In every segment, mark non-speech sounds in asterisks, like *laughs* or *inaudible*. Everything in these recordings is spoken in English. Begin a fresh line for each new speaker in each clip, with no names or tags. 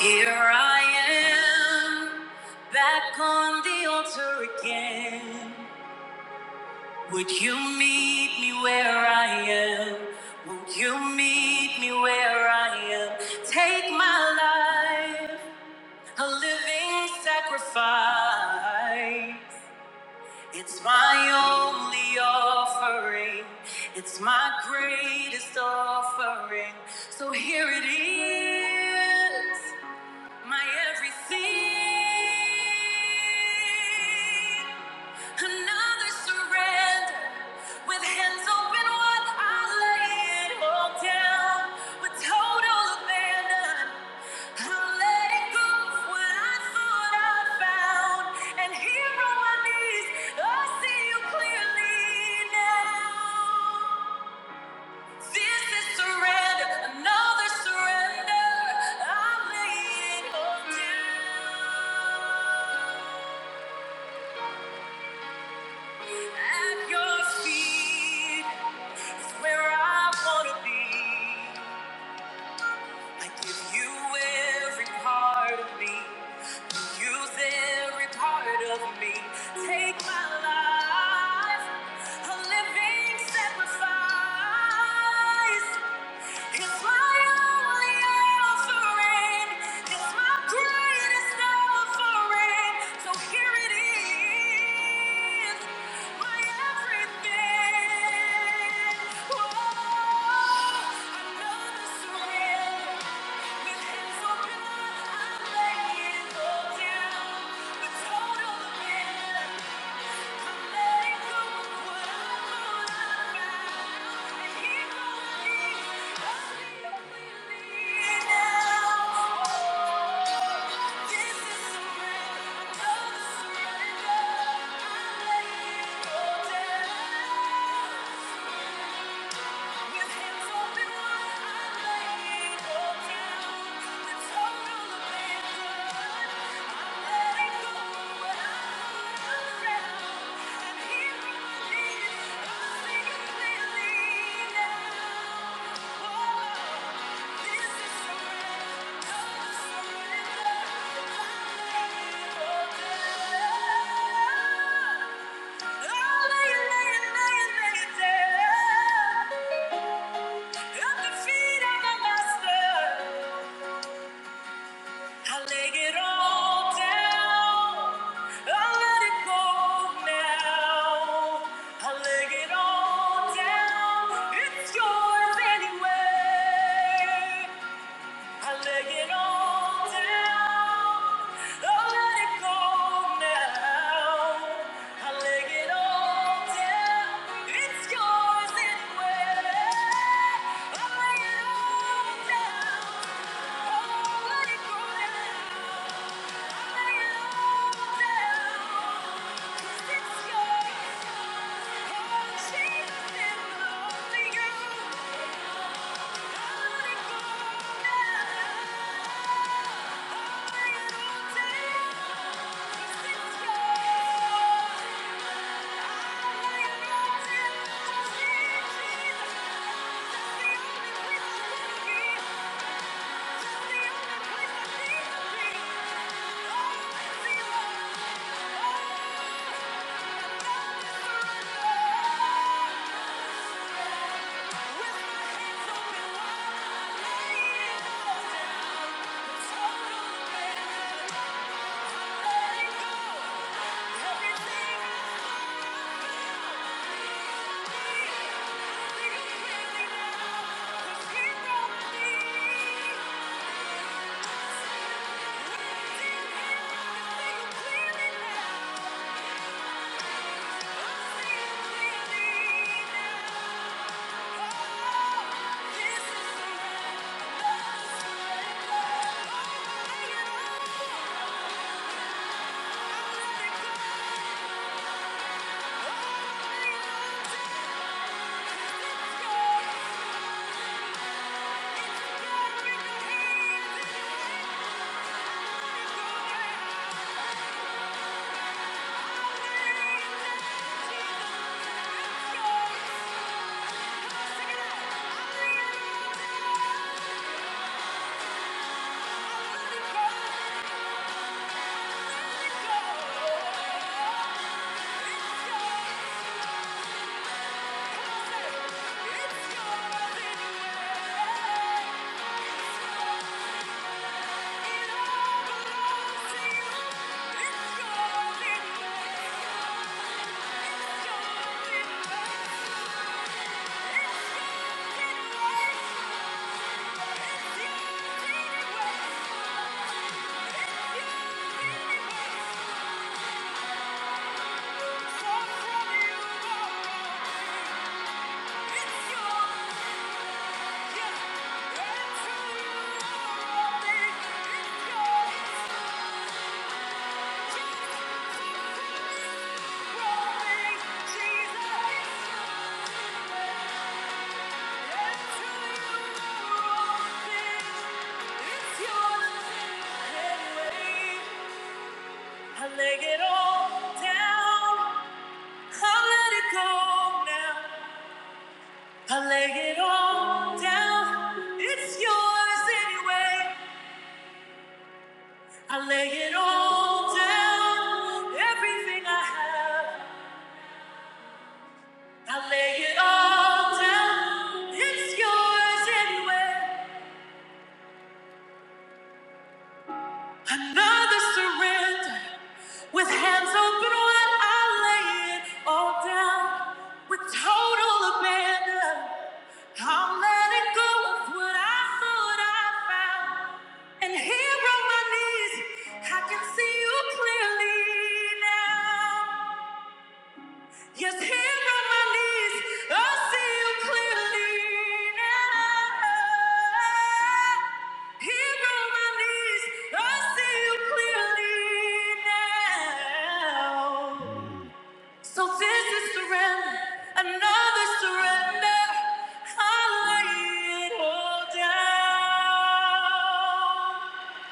Here I am, back on the altar again. Would you meet me where I am? Would you meet me where I am? Take my life, a living sacrifice. It's my only offering, it's my greatest offering. So here it is. My everything, another surrender. With hands open wide, I lay it all down. With total abandon, I'm letting go of what I thought I found. And here on my knees, I see you clearly now. This is surrender, another surrender. I'm laying down at your feet. It's where I wanna be. I give you every part of me. You use every part of me. Take my life, a living sacrifice. It's my only offering. It's my greatest offering. So here it is, my everything. Whoa, another surrender. With hands open, I lay it all down. The total yeah. Thank you. It's yours anyway. I lay it all down. i let it go now. I lay it all down. It's yours anyway. I lay it all down. i let it go now. I lay it all down. It's yours. Oh, Jesus, it's only you. I let it go now. I lay it all down. Thank you. Thank you I lay it all down. I let it go now. I lay it all down. It's yours anyway. I lay it all down, everything I have. I lay it all down, it's yours anyway. Another surrender with hands open wide. I lay it all down with total abandon. I'm letting go of what I thought I found. And here on my knees, I can see you clearly now. Yes, here on my knees, I see you clearly now. Here on my knees, I see you clearly now. So this is surrender, another surrender. I lay it all down.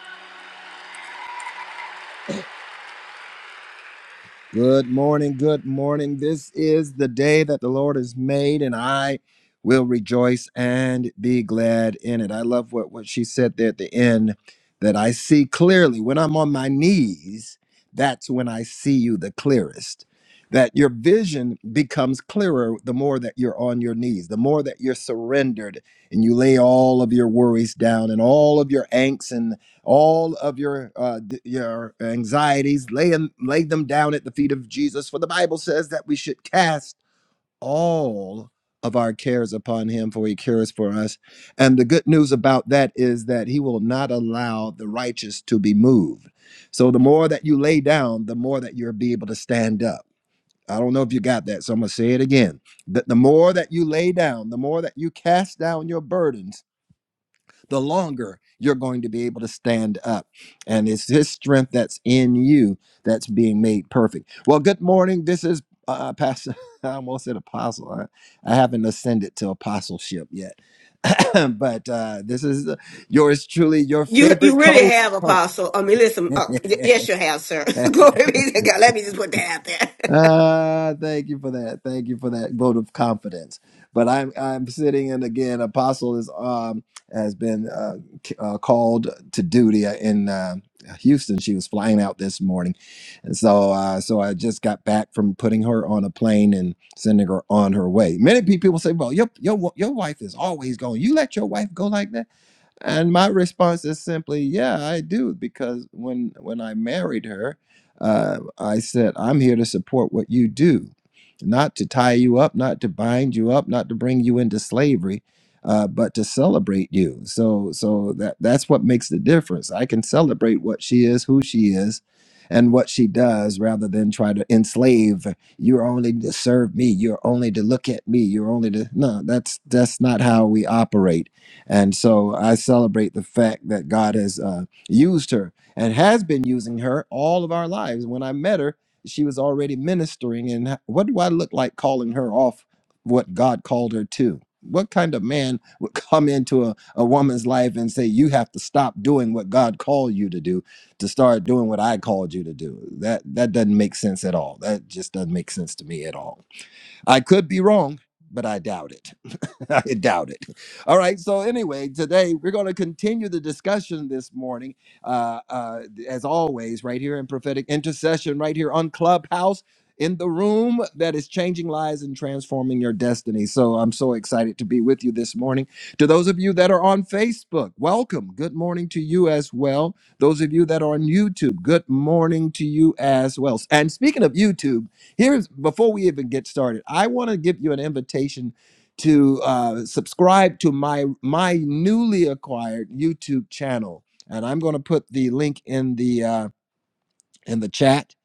Good morning. Good morning. This is the day that the Lord has made, and I will rejoice and be glad in it. I love what, what she said there at the end that I see clearly. When I'm on my knees, that's when I see you the clearest. That your vision becomes clearer the more that you're on your knees, the more that you're surrendered and you lay all of your worries down and all of your angst all of your uh, d- your anxieties lay 'em- lay them down at the feet of Jesus for the Bible says that we should cast all of our cares upon him for he cares for us and the good news about that is that he will not allow the righteous to be moved so the more that you lay down the more that you'll be able to stand up i don't know if you got that so i'm going to say it again that the more that you lay down the more that you cast down your burdens the longer you're going to be able to stand up. And it's His strength that's in you that's being made perfect. Well, good morning. This is uh, uh, Pastor. *laughs* I almost said apostle. I, I haven't ascended to apostleship yet, *coughs* *clears throat* but uh, this is uh, yours truly, your
You you
favorite
really
co.
have apostle. I mean, listen. Oh, y- yes, you have, sir.
*laughs*
*laughs* Glory be to God. Let me just put that out there.
Ah, thank you for that. Thank you for that vote of confidence. But I'm I'm sitting and again, Apostle is um has been uh, c- uh called to duty in uh, Houston. She was flying out this morning, and so uh, so I just got back from putting her on a plane and sending her on her way. Many people say, "Well, your your wa- your wife is always going. You let your wife go like that." And my response is simply, yeah, I do, because when when I married her, uh, I said, I'm here to support what you do, not to tie you up, not to bind you up, not to bring you into slavery, uh, but to celebrate you. So so that that's what makes the difference. I can celebrate what she is, who she is. And what she does, rather than try to enslave, you're only to serve me. You're only to look at me. You're only to no. That's that's not how we operate and so I celebrate the fact that God has uh, used her and has been using her all of our lives. When I met her, she was already ministering. And h- what do I look like calling her off what God called her to? What kind of man would *laughs* come into a, a woman's life and say, You have to stop doing what God called you to do to start doing what I called you to do? That, that doesn't make sense at all. That just doesn't make sense to me at all. I could be wrong, but I doubt it. *laughs* I doubt it. All right. So anyway, today we're going to continue the discussion this morning, uh, uh, as always, right here in prophetic intercession, right here on Clubhouse, in the room that is changing lives and transforming your destiny. So I'm so excited to be with you this morning. To those of you that are on Facebook, welcome. Good morning to you as well. Those of you that are on YouTube, good morning to you as well. And speaking of YouTube, here's before we even get started, I want to give you an invitation to uh, subscribe to my my newly acquired YouTube channel, and I'm going to put the link in the uh, in the chat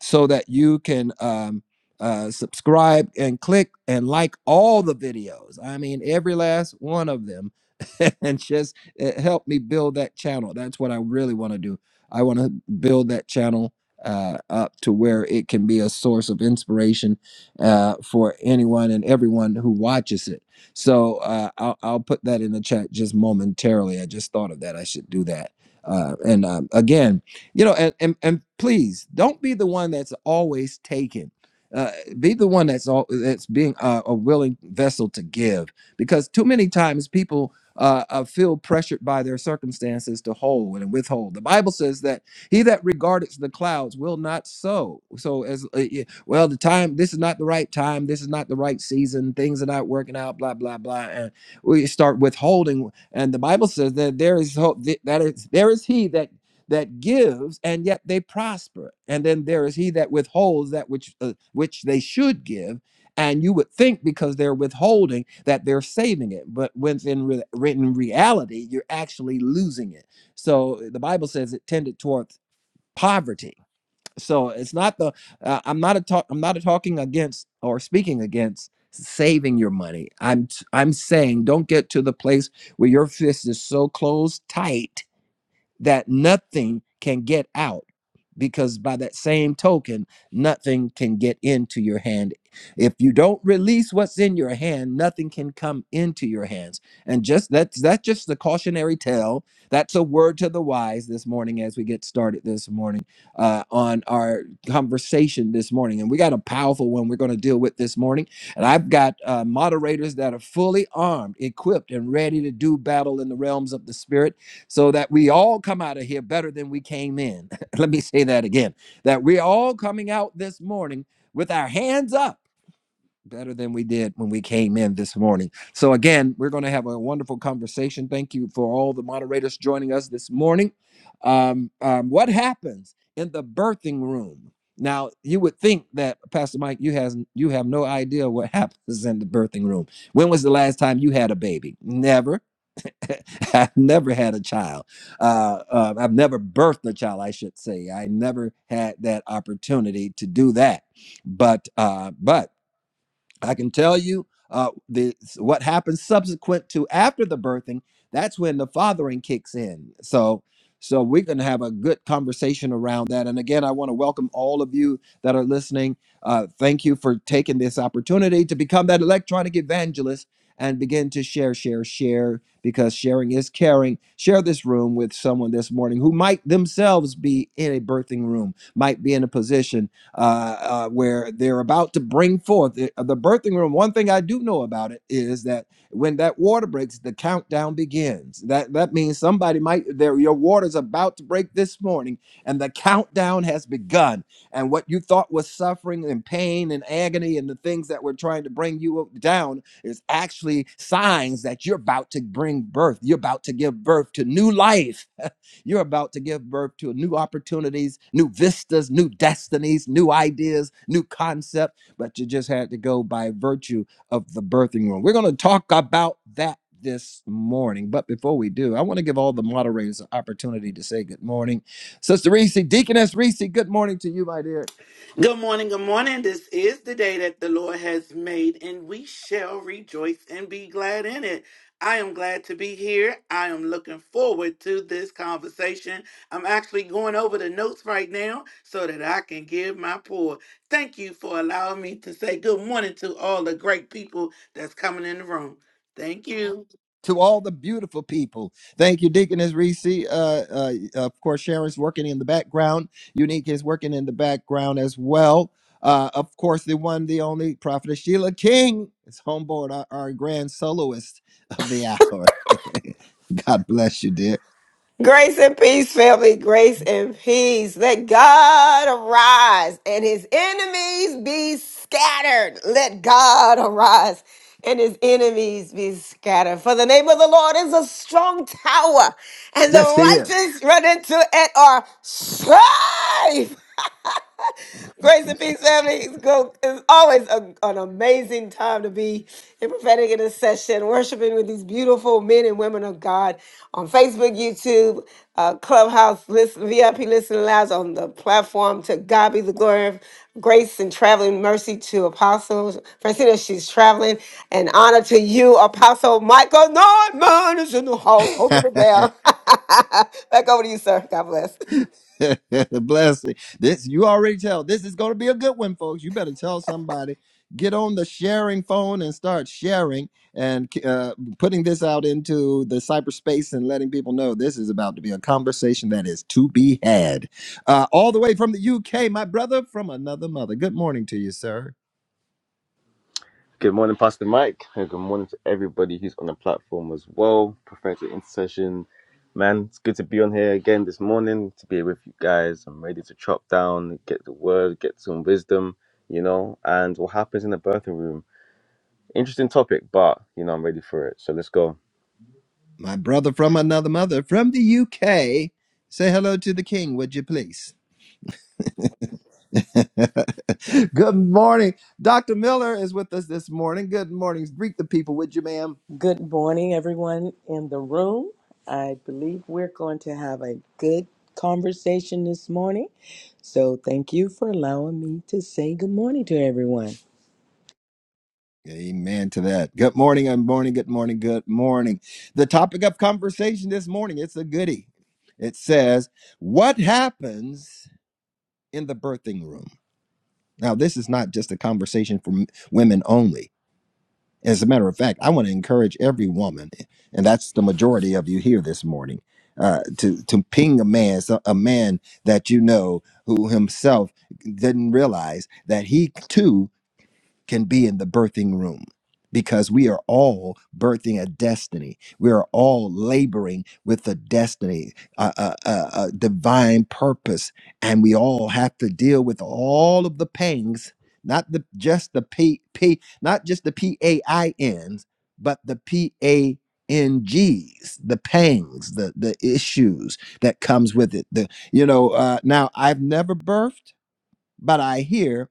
so that you can um, uh, subscribe and click and like all the videos. I mean, every last one of them. *laughs* and just uh, help me build that channel. That's what I really want to do. I want to build that channel uh, up to where it can be a source of inspiration uh, for anyone and everyone who watches it. So uh, I'll, I'll put that in the chat just momentarily. I just thought of that. I should do that. Uh, and um, again, you know and, and and please don't be the one that's always taken uh, be the one that's all that's being a, a willing vessel to give because too many times people uh, uh, feel pressured by their circumstances to hold and withhold the bible says that he that regardeth the clouds will not sow so as uh, yeah, well the time this is not the right time this is not the right season things are not working out blah blah blah and we start withholding and the bible says that there is hope that is there is he that that gives and yet they prosper and then there is he that withholds that which uh, which they should give and you would think because they're withholding that they're saving it but when in re- written reality you're actually losing it so the bible says it tended towards poverty so it's not the uh, i'm not a talk i'm not a talking against or speaking against saving your money i'm t- i'm saying don't get to the place where your fist is so closed tight that nothing can get out because by that same token nothing can get into your hand if you don't release what's in your hand nothing can come into your hands and just that's that's just the cautionary tale that's a word to the wise this morning as we get started this morning uh, on our conversation this morning and we got a powerful one we're going to deal with this morning and i've got uh, moderators that are fully armed equipped and ready to do battle in the realms of the spirit so that we all come out of here better than we came in. *laughs* Let me say that again that we're all coming out this morning with our hands up better than we did when we came in this morning. So, again, we're going to have a wonderful conversation. Thank you for all the moderators joining us this morning. Um, um, what happens in the birthing room? Now you would think that Pastor Mike, you has you have no idea what *laughs* happens in the birthing room. When was the last time you had a baby? Never. *laughs* I've never had a child. Uh, uh, I've never birthed a child, I should say. I never had that opportunity to do that. But uh, but I can tell you uh, the what happens subsequent to after the birthing. That's when the fathering kicks in. So, so we're going to have a good conversation around that. And again, I want to welcome all of you that are listening. Uh, thank you for taking this opportunity to become that electronic evangelist and begin to share, share, share, because sharing is caring. Share this room with someone this morning who might themselves be in a birthing room, might be in a position uh, uh, where they're about to bring forth the, the birthing room. One thing I do know about it is that when that water breaks, the countdown begins. That that means somebody might there your water's about to break this morning, and the countdown has begun. And what you thought was suffering and pain and agony and the things that were trying to bring you up- down is actually signs that you're about to bring birth. You're about to give birth to new life you're about to give birth to new opportunities, new vistas, new destinies, new ideas, new concepts, but you just had to go by virtue of the birthing room. We're going to talk about that this morning. But before we do, I want to give all the moderators an opportunity to say good morning. Sister Reese, Deaconess Reese, good morning to you, my dear.
Good morning, good morning. This is the day that the Lord has made, and we shall rejoice and be glad in it. I am glad to be here. I am looking forward to this conversation. I'm actually going over the notes right now so that I can give my pour. Thank you for allowing me to say good morning to all the great people that's coming in the room. Thank you.
to all the beautiful people. Thank you, Deaconess Reese. Uh, uh, of course, Sharon's working in the background. Unique is working in the background as well. Uh, of course, the one, the only prophetess Sheila King is homeboard, our, our grand soloist of the hour. *laughs* God bless you, dear.
*laughs* Grace and peace, family. Grace and peace. Let God arise and his enemies be scattered. Let God arise and his enemies be scattered. For the name of the Lord is a strong tower, and
Yes, she
the
is.
righteous run into it are safe. *laughs* Grace and peace, family. It's, go, it's always a- an amazing time to be in prophetic intercession, worshiping with these beautiful men and women of God on Facebook, YouTube, uh, Clubhouse, listen, VIP Listening Lounge on the platform. To God be the glory of grace and traveling mercy to Apostle Francina. She's traveling. And honor to you, Apostle Michael Norman is in the house holding it down. *laughs* Back over to you, sir. God bless.
*laughs* Blessing. This you already tell. This is going to be a good one, folks. You better tell somebody. Get on the sharing phone and start sharing and uh, putting this out into the cyberspace and letting people know this is about to be a conversation that is to be had. Uh, all the way from the UK, my brother from another mother. Good morning to you, sir.
Good morning, Pastor Mike, and good morning to everybody who's on the platform as well. Prophetic Intercession, man, it's good to be on here again this morning to be with you guys. I'm ready to chop down, get the word, get some wisdom, you know, and what happens in the birthing room. Interesting topic, but you know, I'm ready for it. So let's go.
My brother from another mother from the UK. Say hello to the king, would you please? *laughs* Good morning. Dr. Miller is with us this morning. Good morning. Greet the people, would you, ma'am?
Good morning, everyone in the room. I believe we're going to have a good conversation this morning. So, thank you for allowing me to say good morning to everyone.
Amen to that. Good morning, good morning, good morning, good morning. The topic of conversation this morning, it's a goodie. It says, What happens in the birthing room? Now, this is not just a conversation for m- women only As a matter of fact, I want to encourage every woman, and that's the majority of you here this morning, uh, to to ping a man, so- a man that you know who himself didn't realize that he too can be in the birthing room because we are all birthing a destiny. We are all laboring with a destiny, a, a, a, a divine purpose, and we all have to deal with all of the pangs, not the just the p p, not just the p a i n's, but the p a n g's, the pangs, the the issues that comes with it. The you know uh, now I've never birthed but I hear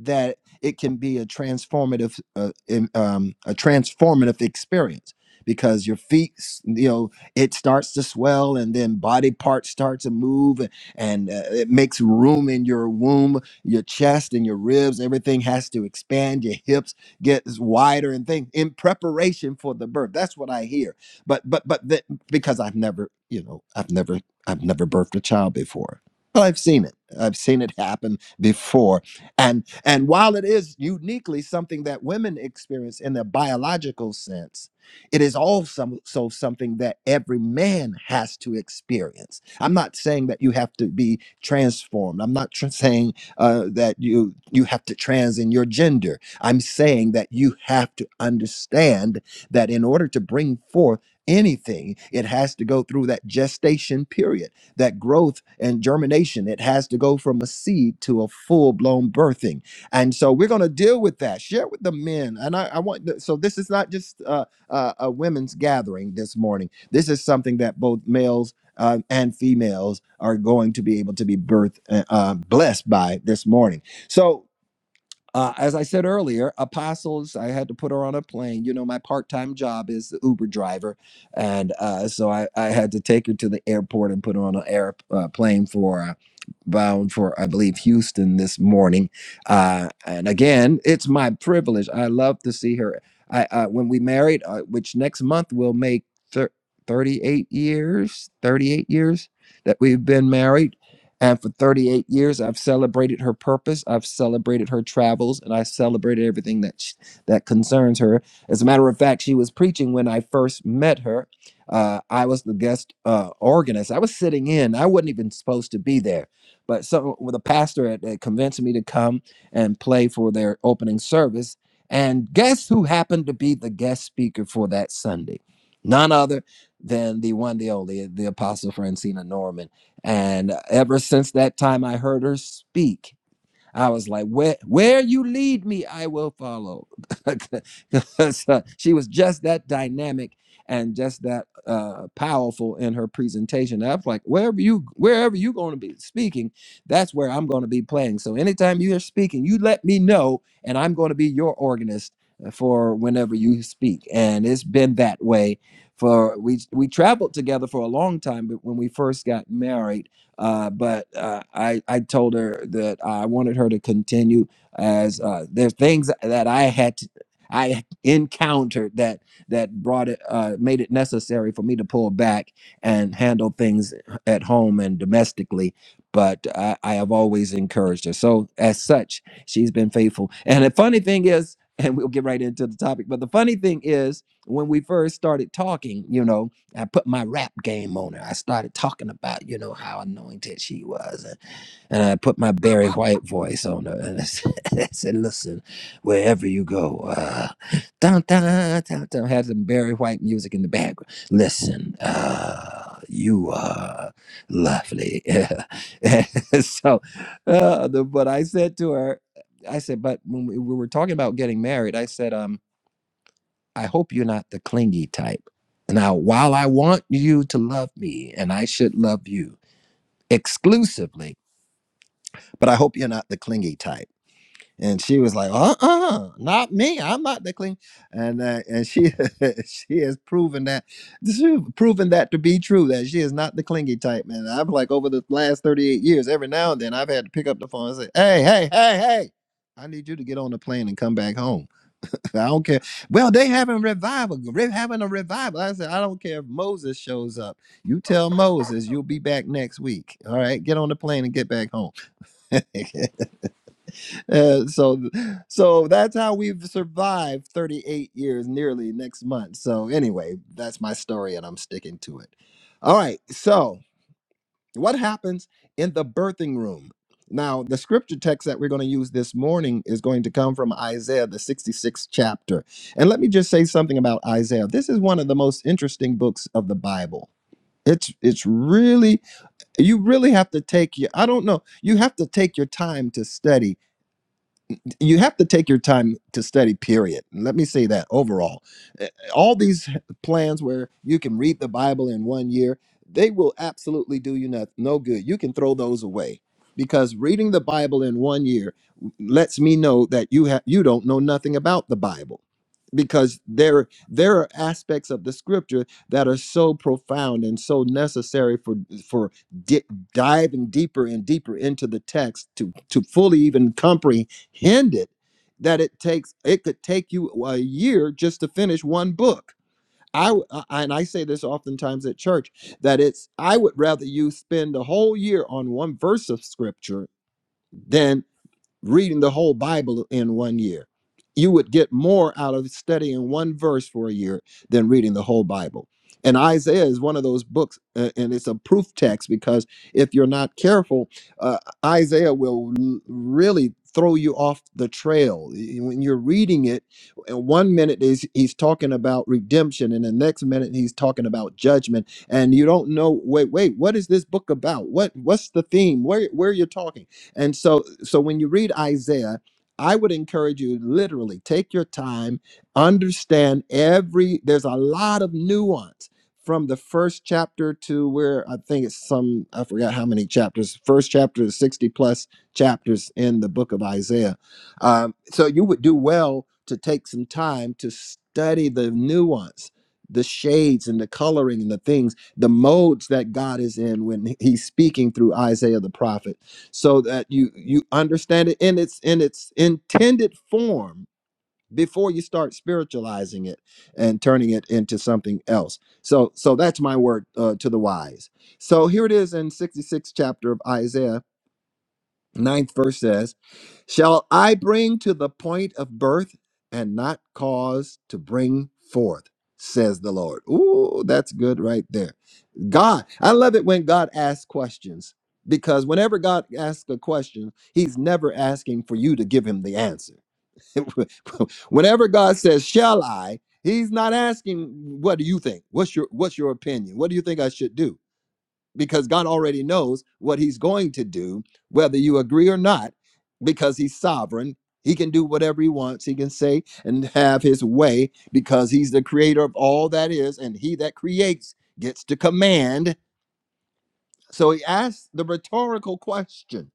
that it can be a transformative, uh, in- um, a transformative experience because your feet, s- you know, it starts to swell and then body parts start to move and uh, it makes room in your womb, your chest and your ribs. Everything has to expand. Your hips get wider and things in preparation for the birth. That's what I hear. But but but that, because I've never, you know, I've never I've never birthed a child before. Well, I've seen it. I've seen it happen before and and while it is uniquely something that women experience in the biological sense it is also so something that every man has to experience i'm not saying that you have to be transformed i'm not tr- saying uh, that you you have to trans in your gender i'm saying that you have to understand that in order to bring forth anything it has to go through that gestation period that growth and germination. It has to go from a seed to a full blown birthing. And so we're going to deal with that. Share with the men. And I, I want, th- so this is not just uh, uh, a women's gathering this morning. This is something that both males uh, and females are going to be able to be birth uh, uh, blessed by this morning. So uh, as I said earlier, Apostles, I had to put her on a plane. You know, my part time job is the Uber driver. And uh, so I, I had to take her to the airport and put her on an air, uh, plane for uh, bound for, I believe, Houston this morning. Uh, and again, it's my privilege. I love to see her. I uh, When we married, uh, which next month will make thir- 38 years, 38 years that we've been married and for 38 years, I've celebrated her purpose. I've celebrated her travels, and I celebrated everything that sh that concerns her. As a matter of fact, she was preaching when I first met her. Uh, I was the guest uh, organist. I was sitting in. I wasn't even supposed to be there, but some with a pastor had, had convinced me to come and play for their opening service. And guess who happened to be the guest speaker for that Sunday? None other than the one, the only, the Apostle Francina Norman and ever since that time I heard her speak, I was like, where, where you lead me, I will follow. *laughs* So she was just that dynamic and just that uh, powerful in her presentation. I was like, wherever you, wherever you're going to be speaking, that's where I'm going to be playing. So anytime you're speaking, you let me know, and I'm going to be your organist uh, for whenever you speak. And it's been that way for we we traveled together for a long time, but when we first got married uh, but uh, I, I told her that I wanted her to continue as uh, there's things that I had to, I encountered that that brought it uh, made it necessary for me to pull back and handle things at home and domestically. But I, I have always encouraged her. So as such, she's been faithful. And the funny thing is, and we'll get right into the topic. But the funny thing is, when we first started talking, you know, I put my rap game on her. I started talking about, you know, how anointed she was. And, and I put my Barry White voice on her. And I said, *laughs* I said, listen, wherever you go, uh, dun, dun, dun, dun, had some Barry White music in the background. Listen, uh, you are lovely. *laughs* so, uh, the, but I said to her, I said, but when we, we were talking about getting married, I said, um. I hope you're not the clingy type. Now, while I want you to love me and I should love you exclusively, but I hope you're not the clingy type. And she was like, uh uh not me. I'm not the clingy. And uh, and she *laughs* she has proven that she proven that to be true, that she is not the clingy type. And I'm like over the last 38 years, every now and then I've had to pick up the phone and say, Hey, hey, hey, hey, I need you to get on the plane and come back home I don't care. Well, they having revival. They're having a revival. I said, I don't care if Moses shows up. You tell Moses you'll be back next week. All right, get on the plane and get back home. *laughs* Uh, so, so that's how we've survived 38 years, nearly next month. So anyway, that's my story, and I'm sticking to it. All right, so. What happens in the birthing room? Now, the scripture text that we're going to use this morning is going to come from Isaiah, the 66th chapter. And let me just say something about Isaiah. This is one of the most interesting books of the Bible. It's it's really you really have to take your I don't know you have to take your time to study you have to take your time to study period let me say that overall Eh, all these plans where you can read the bible in one year they will absolutely do you no, no good you can throw those away because reading the bible in one year lets me know that you have you don't know nothing about the bible because there there are aspects of the scripture that are so profound and so necessary for for di- diving deeper and deeper into the text to to fully even comprehend hindered that it takes it could take you a year just to finish one book I uh, and i say this oftentimes at church that it's i would rather you spend a whole year on one verse of scripture than reading the whole Bible in one year. You would get more out of studying one verse for a year than reading the whole Bible. And Isaiah is one of those books, uh, and it's a proof text because if you're not careful, uh, Isaiah will l- really throw you off the trail. Y- When you're reading it, uh, one minute is he's talking about redemption, and the next minute he's talking about judgment, and you don't know. Wait, wait, what is this book about? What what's the theme? Where where you're talking? And so so when you read Isaiah, I would encourage you literally take your time, understand every there's a lot of nuance from the first chapter to where I think it's some I forgot how many chapters. First chapter is 60 plus chapters in the book of Isaiah. Um, so you would do well to take some time to study the nuance, the shades and the coloring and the things, the modes that God is in when he's speaking through Isaiah the prophet so that you you understand it in its in its intended form before you start spiritualizing it and turning it into something else so so that's my word uh, to the wise so here it is in 66th chapter of isaiah ninth verse says shall i bring to the point of birth and not cause to bring forth says the lord ooh that's good right there God, I love it when God asks questions because whenever God asks a question, He's never asking for you to give Him the answer. *laughs* whenever God says, "Shall I?" He's not asking, "What do you think? What's your What's your opinion? What do you think I should do?" Because God already knows what He's going to do, whether you agree or not, because He's sovereign. He can do whatever he wants. He can say and have his way because he's the creator of all that is, and he that creates gets to command so he asked the rhetorical question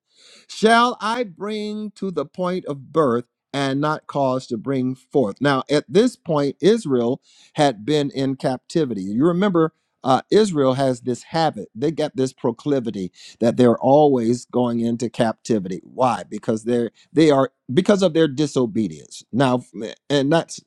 Shall I bring to the point of birth and not cause to bring forth? Now, at this point, Israel had been in captivity. You remember. Uh, Israel has this habit. They get this proclivity that they're always going into captivity. Why? Because they're they are because of their disobedience. Now, and that's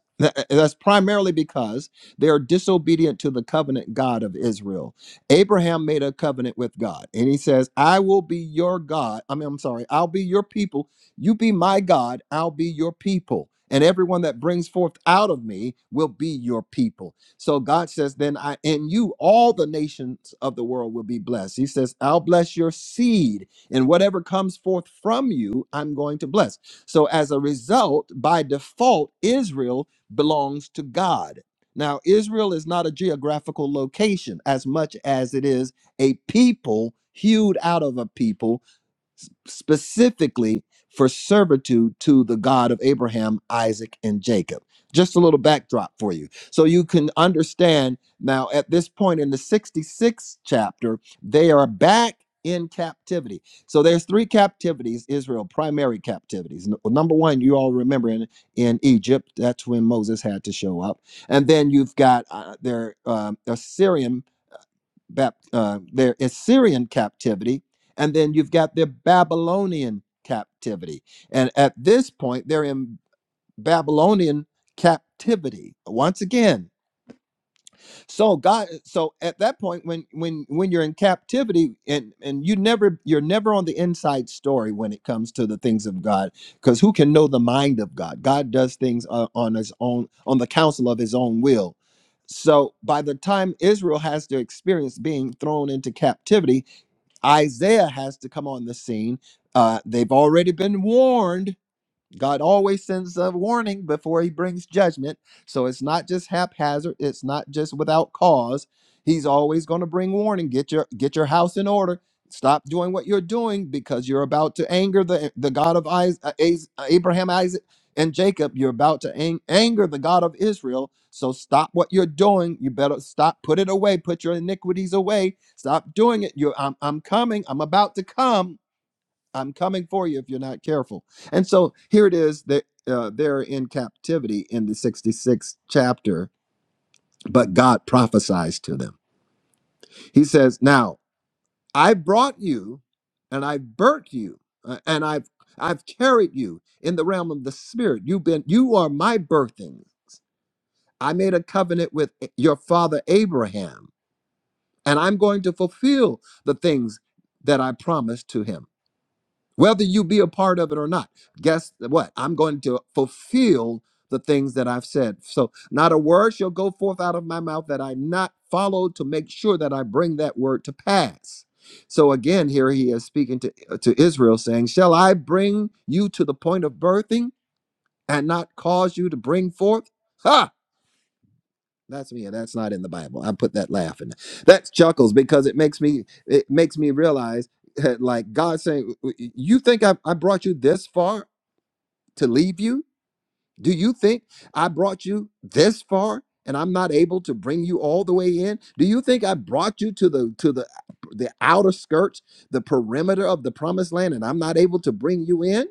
that's primarily because they are disobedient to the covenant God of Israel Abraham made a covenant with God, and he says, I will be your God. I mean, I'm sorry, I'll be your people. You be my God, I'll be your people. And everyone that brings forth out of me will be your people. So God says, Then I and you, all the nations of the world will be blessed. He says, I'll bless your seed, and whatever comes forth from you, I'm going to bless. So as a result, by default, Israel belongs to God now, Israel is not a geographical location as much as it is a people hewed out of a people s- specifically for servitude to the God of Abraham, Isaac, and Jacob. Just a little backdrop for you. So you can understand now at this point in the 66th chapter, they are back in captivity. So there's three captivities, Israel, primary captivities. N- well, Number one, you all remember in, in Egypt, that's when Moses had to show up. And then you've got uh, their um, Assyrian uh, their Assyrian captivity, and then you've got their Babylonian captivity. And at this point, they're in Babylonian captivity once again so god so at that point when when when you're in captivity and and you never you're never on the inside story when it comes to the things of god because who can know the mind of god god does things uh, on his own on the counsel of his own will so by the time israel has to experience being thrown into captivity isaiah has to come on the scene uh, they've already been warned God always sends a warning before he brings judgment. So it's not just haphazard, it's not just without cause. He's always going to bring warning. Get your get your house in order. Stop doing what you're doing because you're about to anger the the God of Is- uh, Is- uh, Abraham, Isaac, and Jacob. You're about to ang- anger the God of Israel. So stop what you're doing. You better stop. Put it away. Put your iniquities away. Stop doing it. You're, I'm, I'm coming. I'm about to come I'm coming for you if you're not careful. And so here it is that uh, they're in captivity in the 66th chapter, but God prophesies to them. He says, "Now I brought you, and I burnt you, uh, and I've I've carried you in the realm of the spirit. You've been you are my birthing. I made a covenant with eh, your father Abraham, and I'm going to fulfill the things that I promised to him." whether you be a part of it or not. Guess what? I'm going to fulfill the things that I've said. So, not a word shall go forth out of my mouth that I not follow to make sure that I bring that word to pass. So again, here he is speaking to, uh, to Israel, saying, Shall I bring you to the point of birthing and not cause you to bring forth? Ha! That's me, and that's not in the Bible. I put that laugh in. That's chuckles because it makes me it makes me realize *laughs* like God saying, "You think I, I brought you this far to leave you? Do you think I brought you this far and I'm not able to bring you all the way in? Do you think I brought you to the to the the outer skirts, the perimeter of the promised land, and I'm not able to bring you in?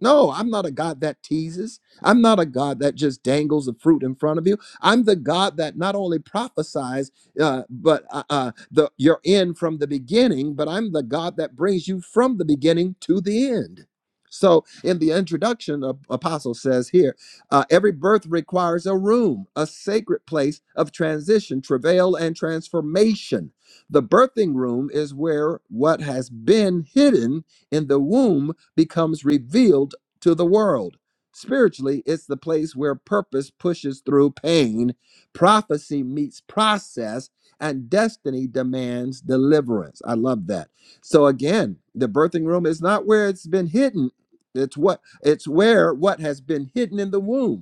No, I'm not a God that teases. I'm not a God that just dangles the fruit in front of you. I'm the God that not only prophesies, uh, but uh, uh, the your end from the beginning. But I'm the God that brings you from the beginning to the end. So, in the introduction, the apostle says here, uh, every birth requires a room, a sacred place of transition, travail, and transformation. The birthing room is where what has been hidden in the womb becomes revealed to the world. Spiritually, it's the place where purpose pushes through pain, prophecy meets process, and destiny demands deliverance. I love that. So again, the birthing room is not where it's been hidden. It's what it's where what has been hidden in the womb.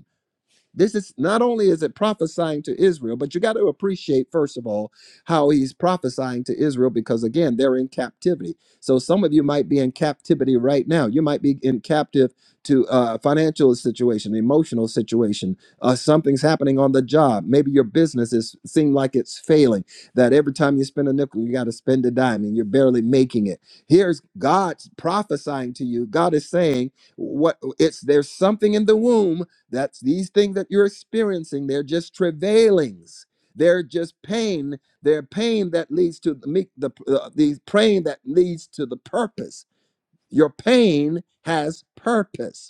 This is not only is it prophesying to Israel, but you got to appreciate, first of all, how he's prophesying to Israel because, again, they're in captivity. So some of you might be in captivity right now. You might be in captive to a financial situation, emotional situation. Uh, something's happening on the job. Maybe your business is seem like it's failing, that every time you spend a nickel, you got to spend a dime and you're barely making it here's God prophesying to you. God is saying what it's there's something in the womb that's these things that you're experiencing. They're just travailings. They're just pain. They're pain that leads to the the uh, the pain that leads to the purpose. Your pain has purpose.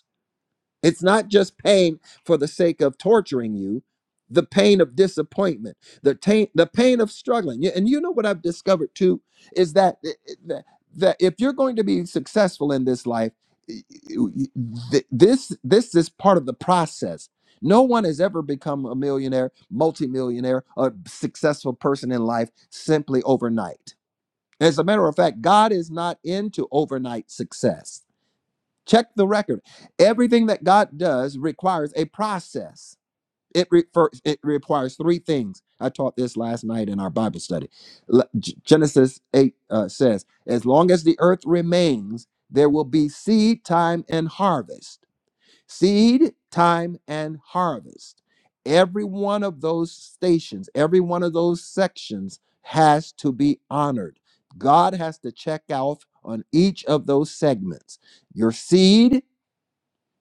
It's not just pain for the sake of torturing you, the pain of disappointment, the pain, the pain of struggling. Yeah, And you know what I've discovered too is that eh, eh, that that if you're going to be successful in this life, y- y- th- this this is part of the process. No one has ever become a millionaire, multimillionaire, a successful person in life simply overnight. As a matter of fact, God is not into overnight success. Check the record. Everything that God does requires a process. It, re- it requires three things. I taught this last night in our Bible study. L- G- Genesis 8 uh, says, As long as the earth remains, there will be seed time and harvest. Seed time and harvest. Every one of those stations, every one of those sections has to be honored. God has to check out on each of those segments your seed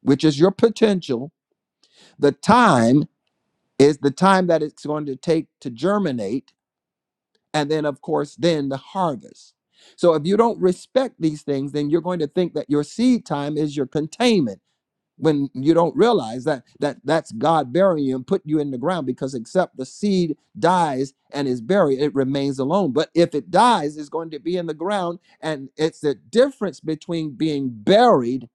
which is your potential. The time is the time that it's going to take to germinate. And then, of course, then the harvest. So if you don't respect these things, then you're going to think that your seed time is your containment when you don't realize that that that's God burying you and putting you in the ground because except the seed dies and is buried it remains alone but if it dies it's going to be in the ground and it's the difference between being buried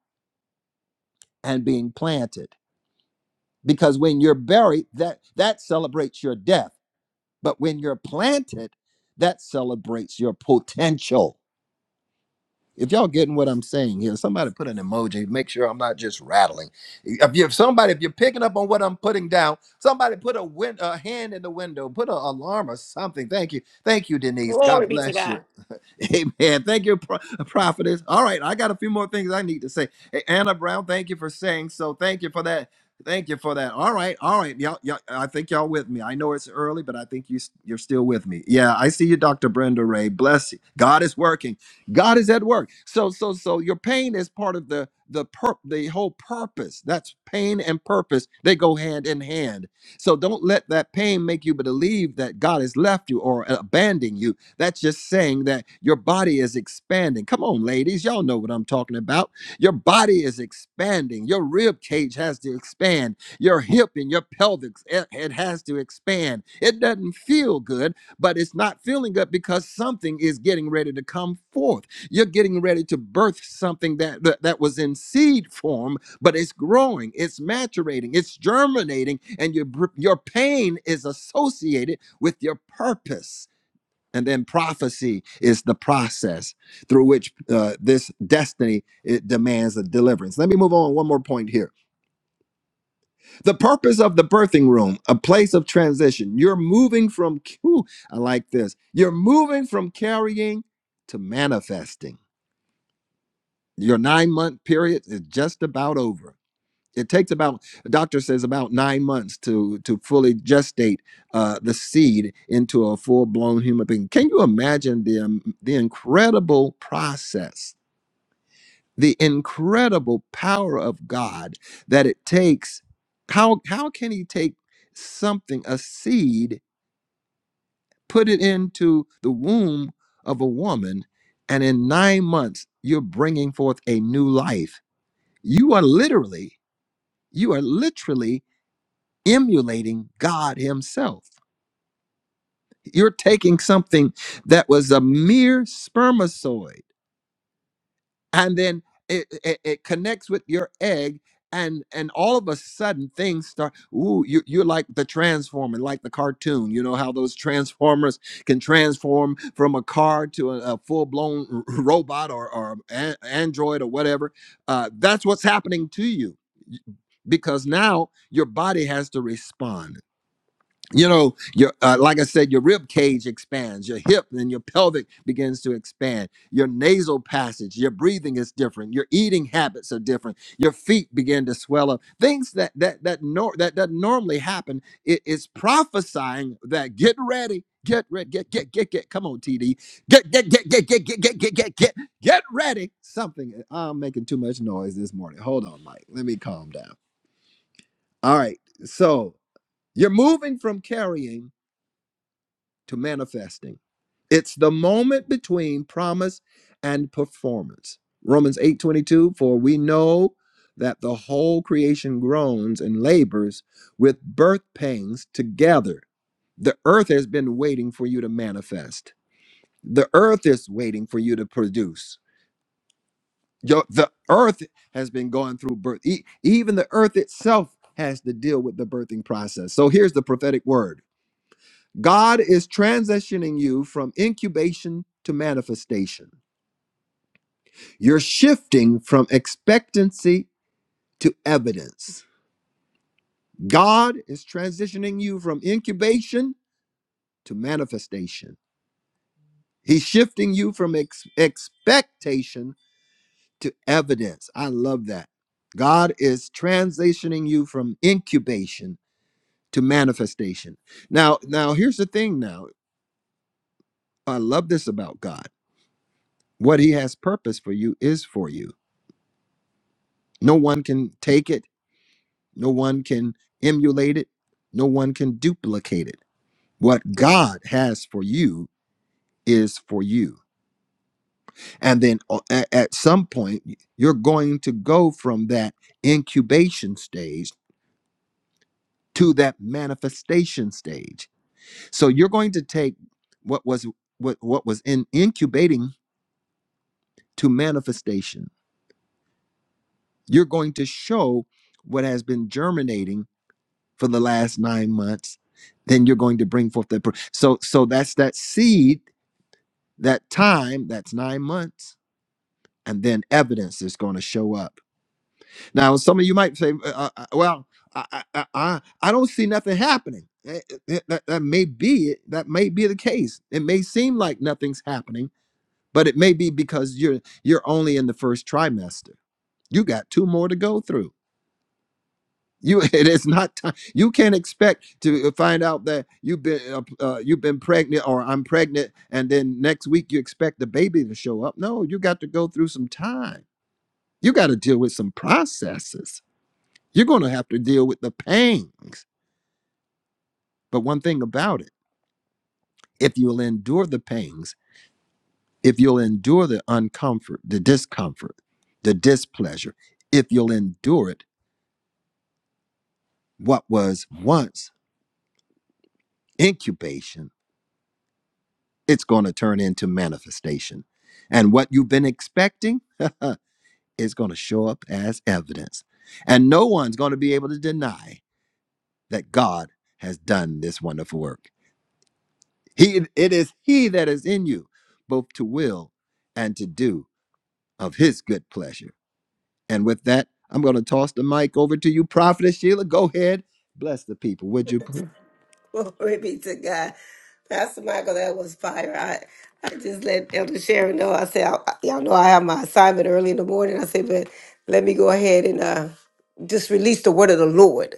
and being planted because when you're buried that that celebrates your death but when you're planted that celebrates your potential if y'all getting what i'm saying here somebody put an emoji make sure i'm not just rattling if you if somebody if you're picking up on what i'm putting down somebody put a, win, a hand in the window put an alarm or something thank you thank you denise
Glory
god
be to
bless
God.
you *laughs* Amen. Thank you, pro- uh, prophetess. All right, I got a few more things I need to say. Hey, Anna Brown, thank you for saying so. Thank you for that. Thank you for that. All right, all right. Y'all, y'all, I think y'all with me. I know it's early, but I think you, s- you're still with me. Yeah, I see you, Dr. Brenda Ray. Bless you. God is working. God is at work. So, so, so your pain is part of the the per- the whole purpose. That's pain and purpose. They go hand in hand. So don't let that pain make you believe that God has left you or abandoned you that's just saying that your body is expanding. Come on, ladies, y'all know what I'm talking about. Your body is expanding. Your rib cage has to expand. Your hip and your pelvic it it has to expand. It doesn't feel good, but it's not feeling good because something is getting ready to come forth. You're getting ready to birth something that that that was in seed form, but it's growing, it's maturating, it's germinating, and your br- your pain is associated with your purpose. And then prophecy is the process through which uh, this destiny it demands a deliverance. Let me move on one more point here. The purpose of the birthing room, a place of transition. You're moving from, ooh, I like this. You're moving from carrying to manifesting. Your nine month period is just about over. it takes about the doctor says about nine months to to fully gestate uh, the seed into a full blown human being. Can you imagine the um, the incredible process, the incredible power of God that it takes? How how can He take something, a seed, put it into the womb of a woman, and in nine months you're bringing forth a new life? You are literally you are literally emulating God Himself. You're taking something that was a mere spermatozoid, and then it, it, it connects with your egg, and and all of a sudden things start. Ooh, you, you're like the transformer, like the cartoon. You know how those transformers can transform from a car to a, a full blown *laughs* robot or or an- android or whatever. Uh, that's what's happening to you because now your body has to respond you know your uh, like i said your rib cage expands your hip and your pelvic begins to expand your nasal passage your breathing is different your eating habits are different your feet begin to swell up things that that that nor- that doesn't normally happen it is prophesying that get ready get ready get get get get come on td get get get get get get get get get get get ready something uh, i'm making too much noise this morning hold on mike let me calm down all right so you're moving from carrying to manifesting. It's the moment between promise and performance. Romans 8:22 for we know that the whole creation groans and labors with birth pangs together. The earth has been waiting for you to manifest. The earth is waiting for you to produce. Yo- The earth has been going through birth. E- Even the earth itself has to deal with the birthing process. So here's the prophetic word. God is transitioning you from incubation to manifestation. You're shifting from expectancy to evidence. God is transitioning you from incubation to manifestation. He's shifting you from ex- expectation to evidence. I love that. God is transitioning you from incubation to manifestation. Now, now here's the thing now. I love this about God. What he has purpose for you is for you. No one can take it, no one can emulate it, no one can duplicate it. What God has for you is for you. And then uh, a- at some point, you're going to go from that incubation stage to that manifestation stage. So you're going to take what was what, what was in incubating to manifestation. You're going to show what has been germinating for the last nine months, then you're going to bring forth that. pro- So, so that's that seed, that time, that's nine months, and then evidence is going to show up. Now, some of you might say, uh, uh, uh, "Well, I, I, I, I I don't see nothing happening." Eh, eh, eh, That, that may be it. That may be the case. It may seem like nothing's happening, but it may be because you're you're only in the first trimester. You got two more to go through You *laughs* it is not time. You can't expect to uh, find out that you've been uh, uh, you've been pregnant or I'm pregnant, and then next week you expect the baby to show up. No, you got to go through some time. You got to deal with some processes. You're going to have to deal with the pangs. But one thing about it, if you'll endure the pangs, if you'll endure the uncomfort, the discomfort, the displeasure, if you'll endure it, what was once incubation it's going to turn into manifestation. And what you've been expecting *laughs* is going to show up as evidence. And no one's going to be able to deny that God has done this wonderful work. He, it is He that is in you, both to will and to do of His good pleasure. And with that, I'm going to toss the mic over to you, Prophetess Sheila. Go ahead. Bless the people, would you please?
*laughs* Glory be to God. Pastor Michael, that was fire. I, I just let Elder Sharon know. I said, I, y'all know I have my assignment early in the morning. I said, but let me go ahead and uh, just release the word of the Lord.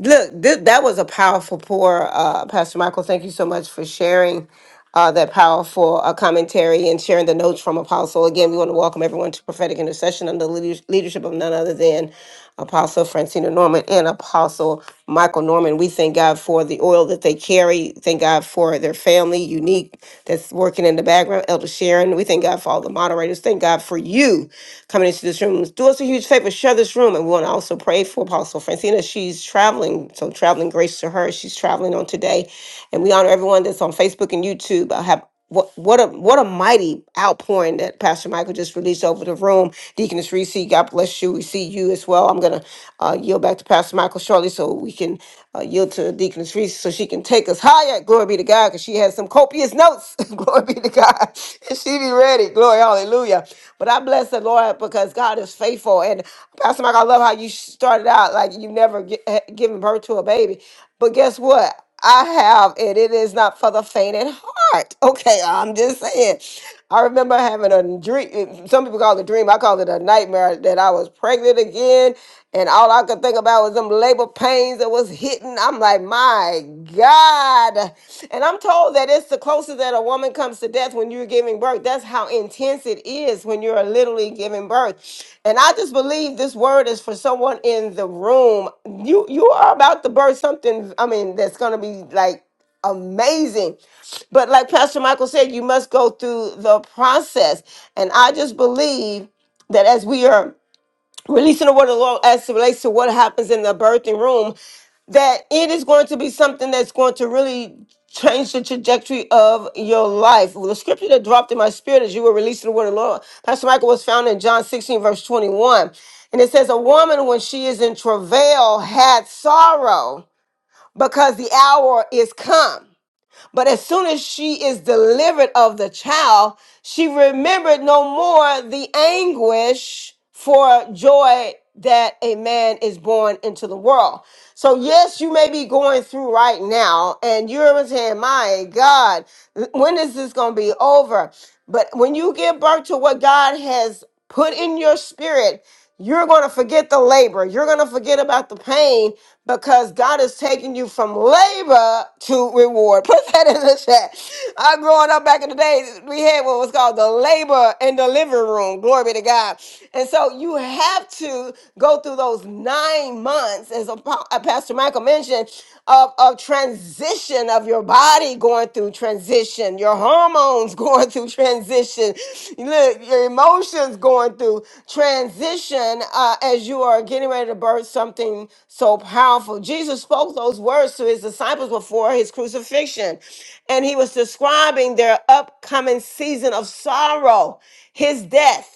Look, th- that was a powerful pour, uh, Pastor Michael. Thank you so much for sharing uh, that powerful uh, commentary and sharing the notes from Apostle. Again, we want to welcome everyone to prophetic intercession under the leaders- leadership of none other than Apostle Francina Norman and Apostle Michael Norman. We thank God for the oil that they carry. Thank God for their family, unique, that's working in the background, Elder Sharon. We thank God for all the moderators. Thank God for you coming into this room. Do us a huge favor, share this room. And we want to also pray for Apostle Francina. She's traveling, so traveling grace to her. She's traveling on today. And we honor everyone that's on Facebook and YouTube. I have what what a what a mighty outpouring that Pastor Michael just released over the room. Deaconess Reese, God bless you. We see you as well. I'm gonna uh, yield back to Pastor Michael shortly so we can uh, yield to Deaconess Reese so she can take us higher. Glory be to God, because she has some copious notes. *laughs* Glory be to God. *laughs* she be ready. Glory, hallelujah. But I bless the Lord because God is faithful. And Pastor Michael, I love how you started out like you never gi- eh, given birth to a baby. But guess what? I have and It is not for the faint at heart. *laughs* Okay, I'm just saying. I remember having a dream. Some people call it a dream. I call it a nightmare that I was pregnant again. And all I could think about was them labor pains that was hitting. I'm like, my God. And I'm told that it's the closest that a woman comes to death when you're giving birth. That's how intense it is when you're literally giving birth. And I just believe this word is for someone in the room. You you are about to birth something, I mean, that's gonna be like amazing. But like Pastor Michael said, you must go through the process. And I just believe that as we are releasing the word of the Lord as it relates to what happens in the birthing room, that it is going to be something that's going to really change the trajectory of your life. Well, the scripture that dropped in my spirit as you were releasing the word of the Lord, Pastor Michael was found in John 16, verse 21. And it says, A woman, when she is in travail, had sorrow because the hour is come. But as soon as she is delivered of the child, she remembered no more the anguish for joy that a man is born into the world. So, yes, you may be going through right now, and you're saying, My God, when is this going to be over? But when you give birth to what God has put in your spirit, you're going to forget the labor. You're going to forget about the pain because God is taking you from labor to reward. *laughs* Put that in the chat. I growing up back in the day, we had what was called the labor in the living room. Glory be to God. And so you have to go through those nine months, as Apo- uh, Pastor Michael mentioned, of, of transition of your body going through transition, your hormones *laughs* going through transition, look, your emotions going through transition uh, as you are getting ready to birth something so powerful. Jesus spoke those words to his disciples before his crucifixion, and he was describing their upcoming season of sorrow, his death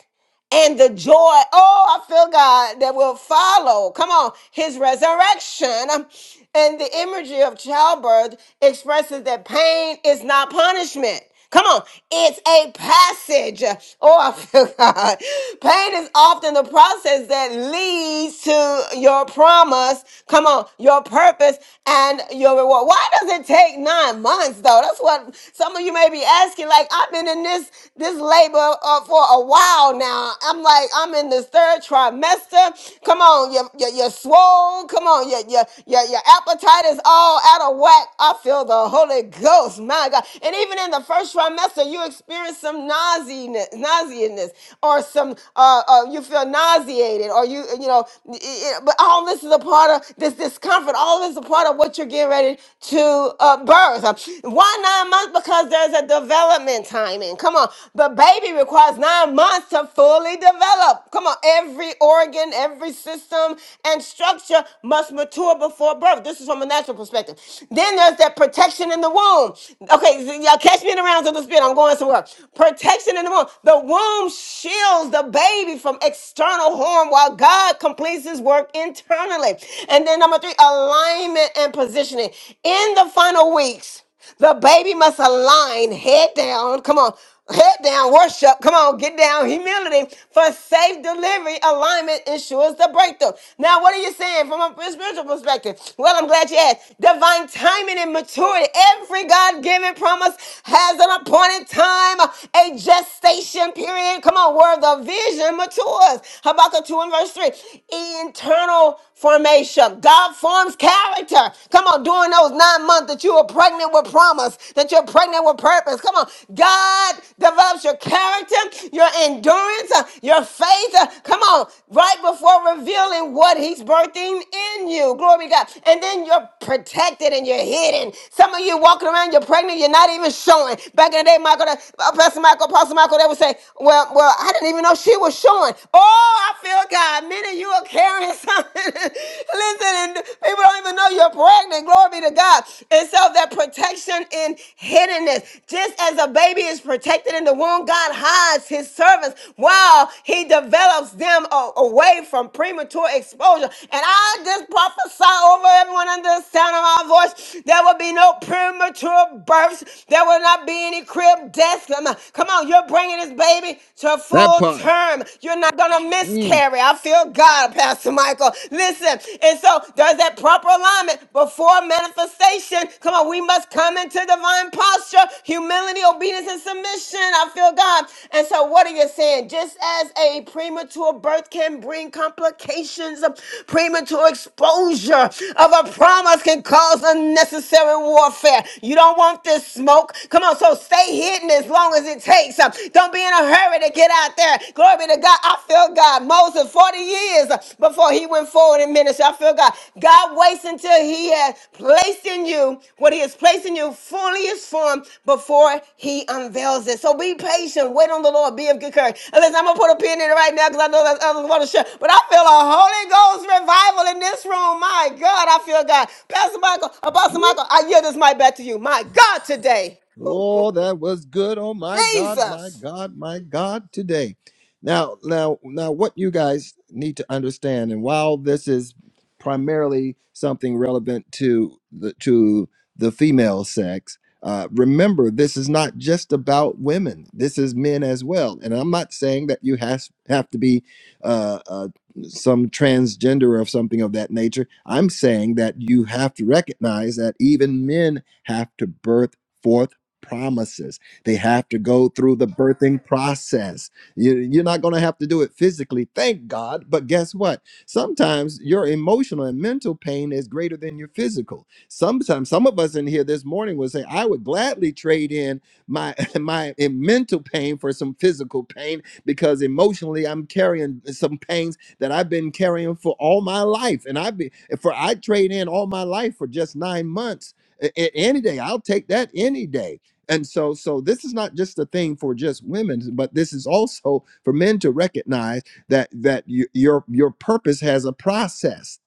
and the joy, oh, I feel God, that will follow. Come on, his resurrection. And the imagery of childbirth expresses that pain is not punishment. Come on, it's a passage. Oh, I feel *laughs* God. Pain is often the process that leads to your promise. Come on, your purpose and your reward. Why does it take nine months though? That's what some of you may be asking. Like, I've been in this this labor uh, for a while now. I'm like, I'm in this third trimester. Come on, you're, you're, you're swole. Come on, your, your, your, your appetite is all out of whack. I feel the Holy Ghost, my God. And even in the first trimester, you experience some nauseousness, nauseousness or some, uh, uh, you feel nauseated, or you, you know, it, it- but all this is a part of this discomfort. All this is a part of what you're getting ready to uh, birth. Why nine months? months because there's a development timing. Come on. The baby requires nine months to fully develop. Come on. Every organ, every system, and structure must mature before birth. This is from a natural perspective. Then there's that protection in the womb. Okay, so y'all catch me in the rounds of the spirit. I'm going somewhere. Protection in the womb. The womb shields the baby from external harm while God completes his work internally. And then number three, alignment and positioning. In the final weeks. The baby must align head down. Come on. Head down, worship. Come on, get down. Humility for safe delivery. Alignment ensures the breakthrough. Now, what are you saying from a spiritual perspective? Well, I'm glad you asked. Divine timing and maturity. Every God given promise has an appointed time, a gestation period. Come on, where the vision matures. Habakkuk 2 and verse 3. Internal formation. God forms character. Come on, during those nine months that you were pregnant with promise, that you're pregnant with purpose. Come on, God develops your character, your endurance, uh, your faith. uh, Come on, right before revealing what He's birthing in you. Glory to God. And then you're protected and you're hidden. Some of you walking around, you're pregnant, you're not even showing. Back in the day, Michael, uh, Pastor Michael, Pastor Michael, they would say, "Well, well, I didn't even know she was showing." Oh, I feel Lord God, many you are carrying something. *laughs* Listen, and people don't even know you're pregnant. Glory be to God. And so that protection in hiddenness, just as a baby is protected in the womb, God hides his servants while he develops them a- away from premature exposure. And I just prophesy over everyone under the sound of my voice. There will be no premature births. There will not be any crib deaths. Come on, come on, you're bringing this baby to full
That
full
part.
term. You're not going to
Mm.
miscarry. I feel God, Pastor Michael. Listen, and so there's that proper alignment before manifestation. Come on, we must come into divine posture, humility, obedience, and submission. I feel God. And so, what are you saying? Just as a premature birth can bring complications, premature exposure of a promise can cause unnecessary warfare. You don't want this smoke. Come on, so stay hidden as long as it takes takes. Uh, Don't be in a hurry to get out there. Glory be to God. I feel God. Moses, 40 years uh, before he went forward in ministry. I feel God. God waits until he has placed in you what he has placed in you fully is formed before he unveils it. So be patient. Wait on the Lord. Be of good courage. And listen, I'm going to put a pin in it right now because I know that others want to share. But I feel a Holy Ghost revival in this room. My God, I feel God. Pastor Michael, Apostle Michael, I yield this mic back to you. My God, today. Ooh,
Oh,
glory.
that was good. Oh my God, my
Jesus.
God, my God today. Now, now, now what you guys need to understand, and while this is primarily something relevant to the to the female sex, uh, remember this is not just about women. This is men as well. And I'm not saying that you has, have to be uh, uh, some transgender or something of that nature. I'm saying that you have to recognize that even men have to birth forth promises. They have to go through the birthing process. You, you're not going to have to do it physically, thank God. But guess what? Sometimes your emotional and mental pain is greater than your physical. Sometimes some of us in here this morning would say, I would gladly trade in my *laughs* my eh, mental pain for some physical pain because emotionally I'm carrying some pains that I've been carrying for all my life. And I've been for I trade in all my life for just nine months. A- a- Any day, I'll take that any day and so, so this is not just a thing for just women, but this is also for men to recognize that that y- your your purpose has a process.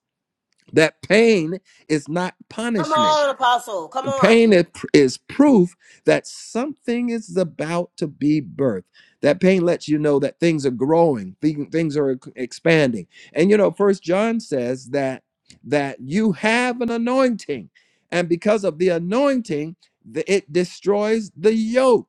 That pain is not
Come
punishment.
on, Apostle. Come on.
Pain is is proof that something is about to be birthed. That pain lets you know that things are growing, thing- things are expanding. And you know, First John says that that you have an anointing, and because of the anointing, the- it destroys the yoke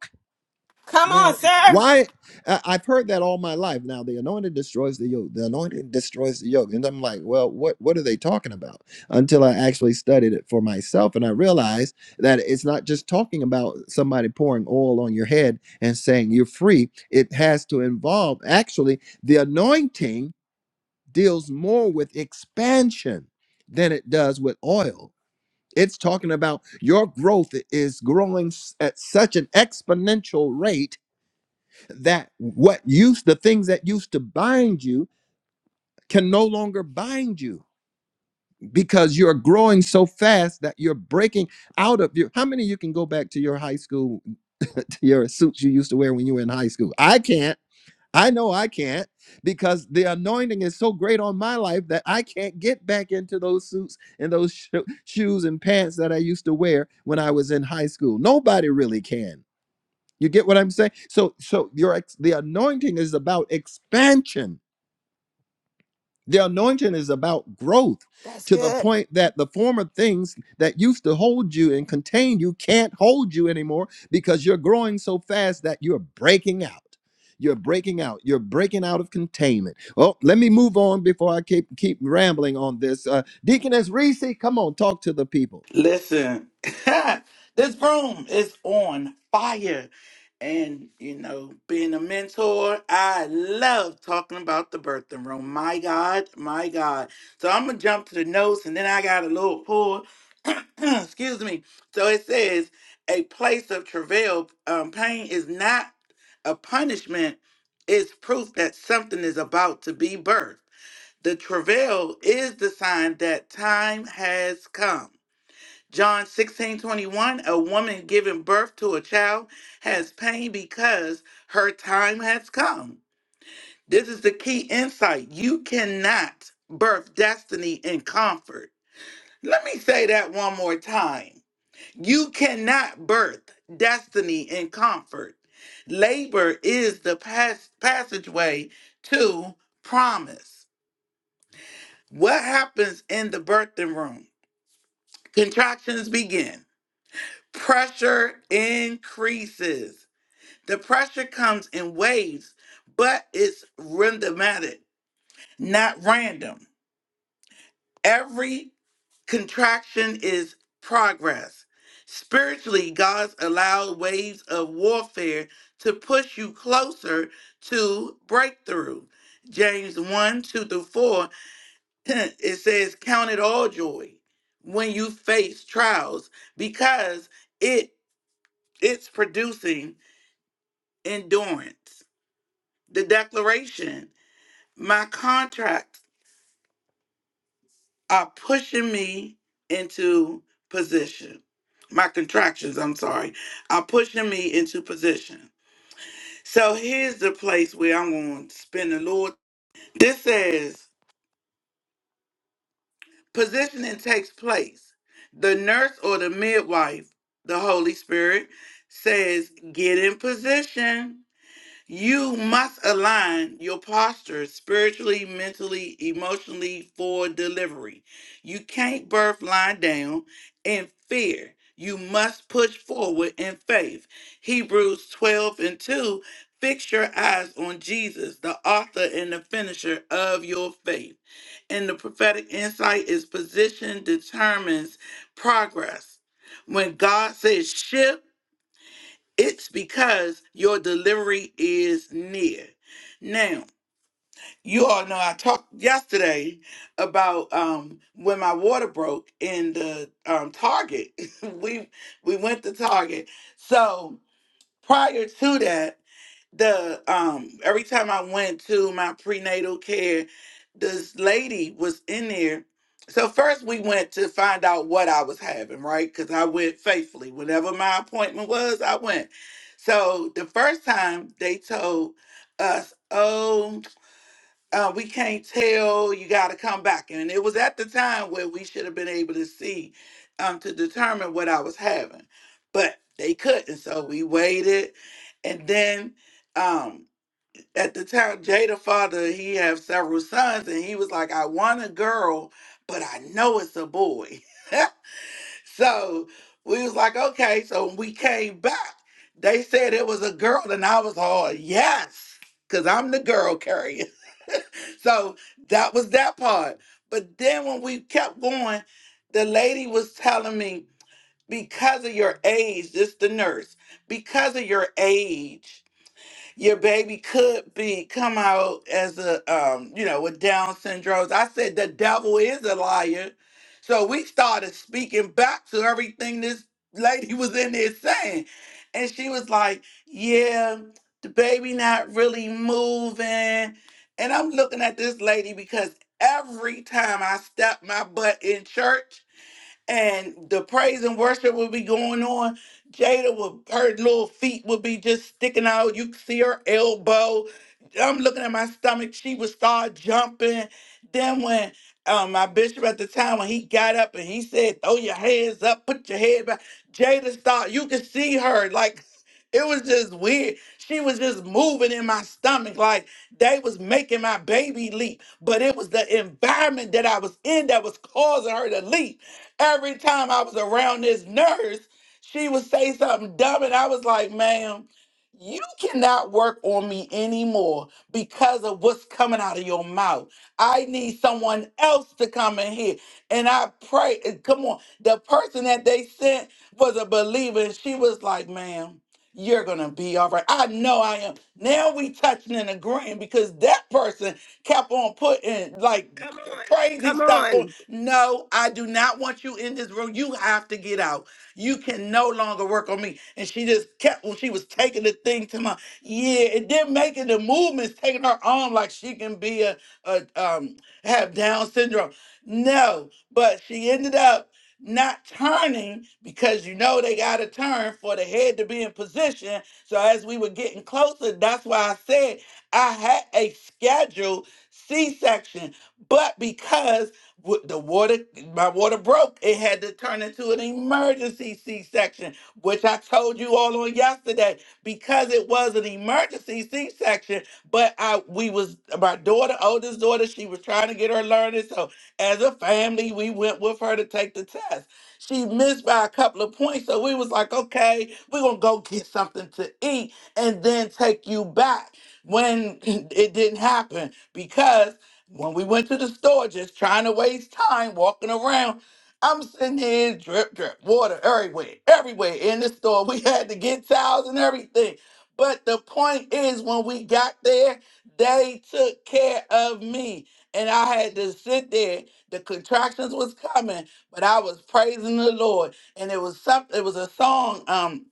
Come on,
now,
sir.
why I- I've heard that all my life. Now, the anointed destroys the yoke. The anointed destroys the yoke, and I'm like, well, what what are they talking about? Until I actually studied it for myself, and I realized that it's not just talking about somebody pouring oil on your head and saying you're free. It has to involve actually the anointing deals more with expansion than it does with oil. It's talking about your growth is growing s- at such an exponential rate that what used the things that used to bind you can no longer bind you because you're growing so fast that you're breaking out of your how many of you can go back to your high school *laughs* your suits you used to wear when you were in high school i can't i know i can't because the anointing is so great on my life that i can't get back into those suits and those *laughs* sho- shoes and pants that i used to wear when i was in high school nobody really can you get what I'm saying? So so your ex- the anointing is about expansion The anointing is about growth
That's
to the
good.
point that the former things that used to hold you and contain you can't hold you anymore because you're growing so fast that you're breaking out. You're breaking out. You're breaking out of containment. Well, let me move on before I keep keep rambling on this. Uh, Deaconess Reese, come on, talk to the people.
Listen, *laughs* this room is on fire. And, you know, being a mentor, I love talking about the birthing room. My God, my God. So I'm going to jump to the notes and then I got a little pull. *clears throat* Excuse me. So it says, a place of travail, um, pain is not a punishment, it's proof that something is about to be birthed. The travail is the sign that time has come. John 16:21. a woman giving birth to a child has pain because her time has come. This is the key insight. You cannot birth destiny in comfort. Let me say that one more time. You cannot birth destiny in comfort. Labor is the pas- passageway to promise. What happens in the birthing room? Contractions begin. pressure increases. The pressure comes in waves, but it's rhythmatic, not random. Every contraction is progress. Spiritually, God's allowed waves of warfare to push you closer to breakthrough. James 1 2 through 4, *laughs* *clears throat* it says, Count it all joy when you face trials because it it's producing endurance. The declaration, my contracts are pushing me into position. My contractions, I'm sorry, are pushing me into position. So here's the place where I'm going to spin the Lord. This says positioning takes place. The nurse or the midwife, the Holy Spirit, says, get in position. You must align your posture spiritually, mentally, emotionally for delivery. You can't birth lying down in fear. You must push forward in faith. Hebrews 12 and 2 Fix your eyes on Jesus, the author and the finisher of your faith. And the prophetic insight is position determines progress. When God says shift, it's because your delivery is near. Now, you all know I talked yesterday about um, when my water broke in the um, Target. *laughs* we we went to Target. So prior to that, the um every time I went to my prenatal care, this lady was in there. So first we went to find out what I was having, right? Because I went faithfully. Whenever my appointment was, I went. So the first time they told us, oh, uh, we can't tell you got to come back and it was at the time where we should have been able to see um, to determine what i was having but they couldn't so we waited and then um, at the time jada father he have several sons and he was like i want a girl but i know it's a boy *laughs* so we was like okay so when we came back they said it was a girl and i was all yes because i'm the girl carrier. So that was that part. But then when we kept going, the lady was telling me, because of your age, this the nurse, because of your age, your baby could be come out as a um, you know, with Down syndrome. I said the devil is a liar. So we started speaking back to everything this lady *laughs* was in there saying. And she was like, Yeah, the baby not really moving. And I'm looking at this lady because every time I step my butt in church, and the praise and worship would be going on. Jada would her little feet would be just sticking out. You could see her elbow. I'm looking at my stomach. She would start jumping. Then when um, my bishop at the time when he got up and he said, "Throw your hands up, put your head back," Jada start. You could see her like. It was just weird. She was just moving in my stomach like they was making my baby leap. But it was the environment that I was in that was causing her to leap. Every time I was around this nurse, she would say something dumb, and I was like, ma'am, you cannot work on me anymore because of what's coming out of your mouth. I need someone else to come in here. And I pray, and come on. The person that they sent was a believer, and she was like, ma'am, you're gonna be all right. I know I am. Now we touching and agreeing because that person kept on putting like Come on. crazy
Come
stuff on.
on.
No, I do not want you in this room. You have to get out. You can no longer work on me. And she just kept when she was taking the thing to my yeah, and then making the movements, taking her arm like she can be a, a um have Down syndrome. No, but she ended up not turning because you know they got to turn for the head to be in position. So as we were getting closer, that's why I said I had a schedule C-section, but because wa- the water, my water broke, it had to turn into an emergency C-section, which I told you all on yesterday. Because it was an emergency C-section, but I, we was my daughter, oldest daughter, she was trying to get her learning, so as a family, we went with her to take the test. She missed by a couple of points, so we was like, okay, we're gonna go get something to eat and then take you back. When *laughs* *clears throat* it didn't happen, because when we went to the store just trying to waste time walking around, I'm sitting here drip, drip, water everywhere, everywhere in the store. *laughs* We had to get towels and everything. But the point is, when we got there, they took care of me. And I had to sit there. The contractions was coming, but I was praising the Lord. And it was something, it was a song. Um,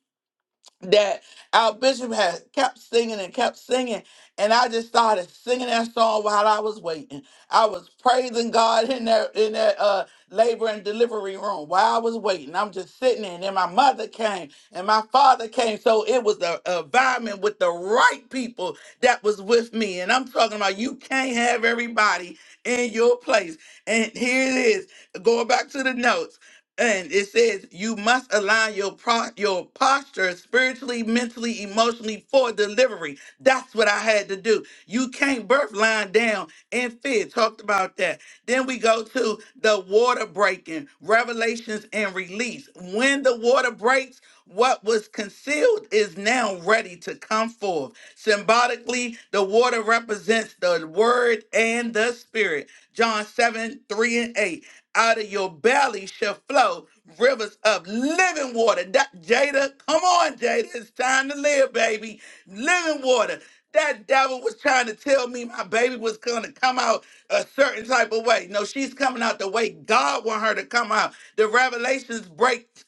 that our bishop had kept singing and kept singing. And I just started singing that song while I was waiting. I was praising God in that in that uh labor and delivery room while I was waiting. I'm just sitting there. And then my mother came and my father came. So it was a a environment with the right people that was with me. And I'm talking about you can't have everybody in your place. And here it is. Going back to the notes and it says you must align your pro- your posture spiritually, mentally, emotionally for delivery. That's what I had to do. You can't birth lying down in fear. Talked about that. Then we go to the water breaking, revelations and release. When the water breaks, what was concealed is now ready to come forth. Symbolically, the water represents the word and the spirit. John 7, 3 and 8. Out of your belly shall flow rivers of living water. That- Jada, come on, Jada. It's time to live, baby. Living water. That devil was trying to tell me my baby was going to come out a certain type of way. No, she's coming out the way God want her to come out. The revelations break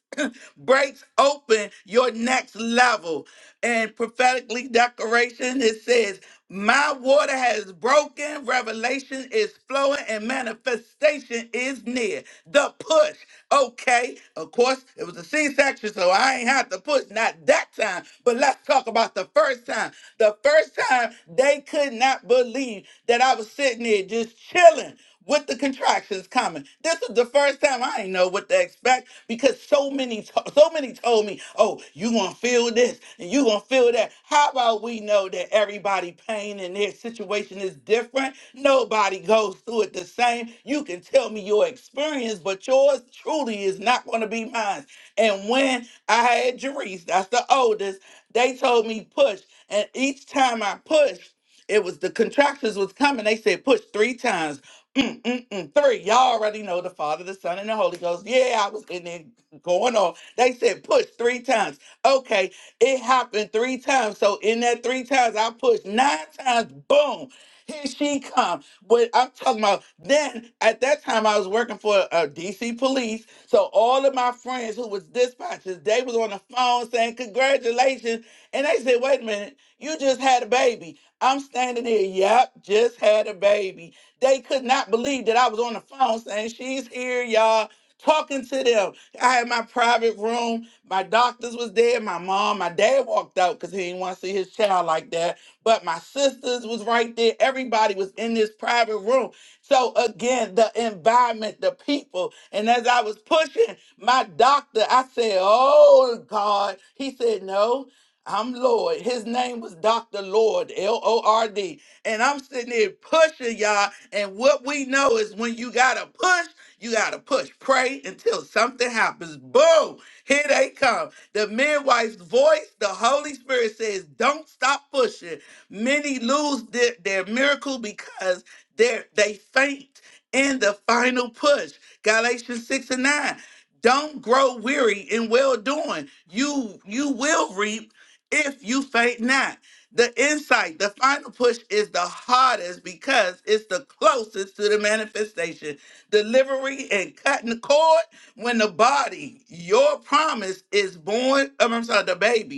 breaks open your next level. And prophetically decoration, it says, My water has broken, revelation is flowing, and manifestation is near. The push. Okay. Of course, it was a C-section, so I ain't had to push. Not that time. But let's talk about the first time. The first time they could not believe that I was sitting there just chilling with the contractions coming. This is the first time I ain't know what to expect because so many, to- so many told me, "Oh, you gonna feel this and you gonna feel that." How about we know that everybody pain and their situation is different? Nobody goes through it the same. You can tell me your experience, but yours truly is not gonna be mine. And when I had Jerice, that's the oldest, they told me push, and each time I pushed it was the contractions was coming. They said push three times. Mm, mm, mm. Three, y'all already know the Father, the Son, and the Holy Ghost. Yeah, I was in there going on. They said push three times. Okay, it happened three times. So in that three times, I pushed nine times. Boom, here she come. But I'm talking about then. At that time, I was working for uh, DC police. So all of my friends who was dispatchers, they was on the phone saying congratulations, and they said, wait a minute, you just had a baby. I'm standing here. Yep, just had a baby they could not believe that I was on the phone saying, She's here, y'all, talking to them. I had my private room. My doctors was there. My mom, my dad walked out because he didn't want to see his child like that. But my sisters was right there. Everybody was in this private room. So again, the environment, the people. And as I was pushing my doctor, I said, Oh God. He said, No, I'm Lord. His name was Dr. Lord, L O R D. And I'm sitting there pushing y'all. And what we know is when you gotta push, you gotta push. Pray until something happens. Boom! Here they come. The midwife's voice, the Holy Spirit says, don't stop pushing. Many lose their, their miracle because they're, they faint in the final push. Galatians 6 and 9. Don't grow weary in well doing. You you will reap if you faint not. The insight, the final push is the hardest because it's the closest to the manifestation. Delivery and cutting the cord when the body, your promise, is born. oh, I'm sorry, the baby.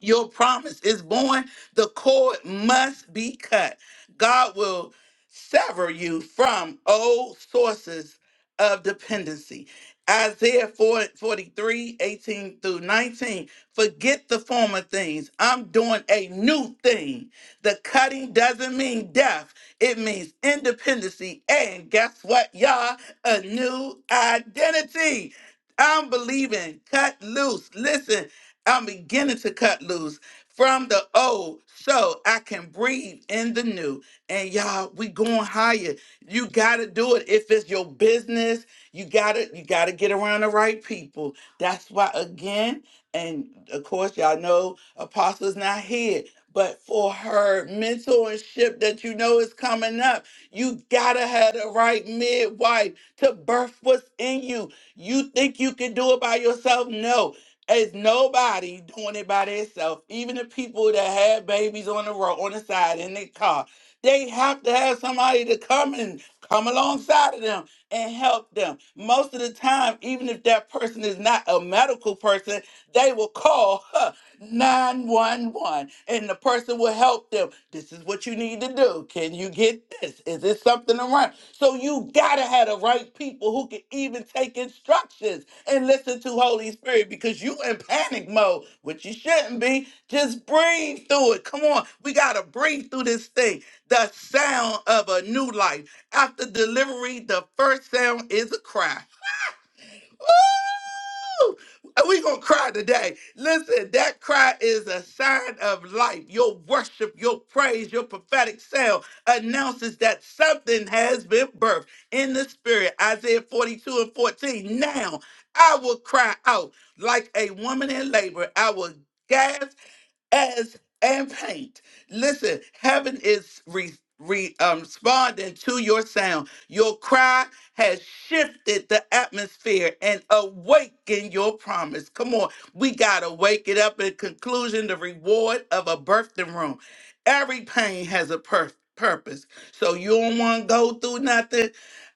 Your promise is born. The cord must be cut. God will sever you from old sources of dependency. Isaiah four forty three eighteen through 19. Forget the former things. I'm doing a new thing. The cutting doesn't mean death, it means independency. And guess what, y'all? A new identity. I'm believing. Cut loose. Listen, I'm beginning to cut loose from the old so I can breathe in the new. And y'all, we going higher. You gotta do it. If it's your business, you gotta you gotta get around the right people. That's why again, and of course y'all know Apostle's not here. But for her mentorship that you know is coming up, you gotta have the right midwife to birth what's in you. You think you can do it by yourself? No. It's nobody doing it by themselves. Even the people that have babies on the road, on the side in their car, they have to have somebody to come and come alongside of them and help them. Most of the time, even if that person is not a medical person, they will call. 911 and the person will help them. This is what you need to do. Can you get this? Is it something around? So you gotta have the right people who can even take instructions and listen to Holy Spirit because you in panic mode, which you shouldn't be. Just breathe through it. Come on, we gotta breathe through this thing. The sound of a new life. After delivery, the first sound is a cry. We're going to cry today. Listen, that cry is a sign of life. Your worship, your praise, your prophetic sound announces that something has been birthed in the spirit. Isaiah 42 and 14. Now I will cry out like a woman in labor. I will gasp as and paint. Listen, heaven is re, re, um, responding to your sound. Your cry has shifted the atmosphere and awakened your promise. Come on, we gotta wake it up. In conclusion, the reward of a birthing room. Every pain has a pur- purpose. So you don't want to go through nothing.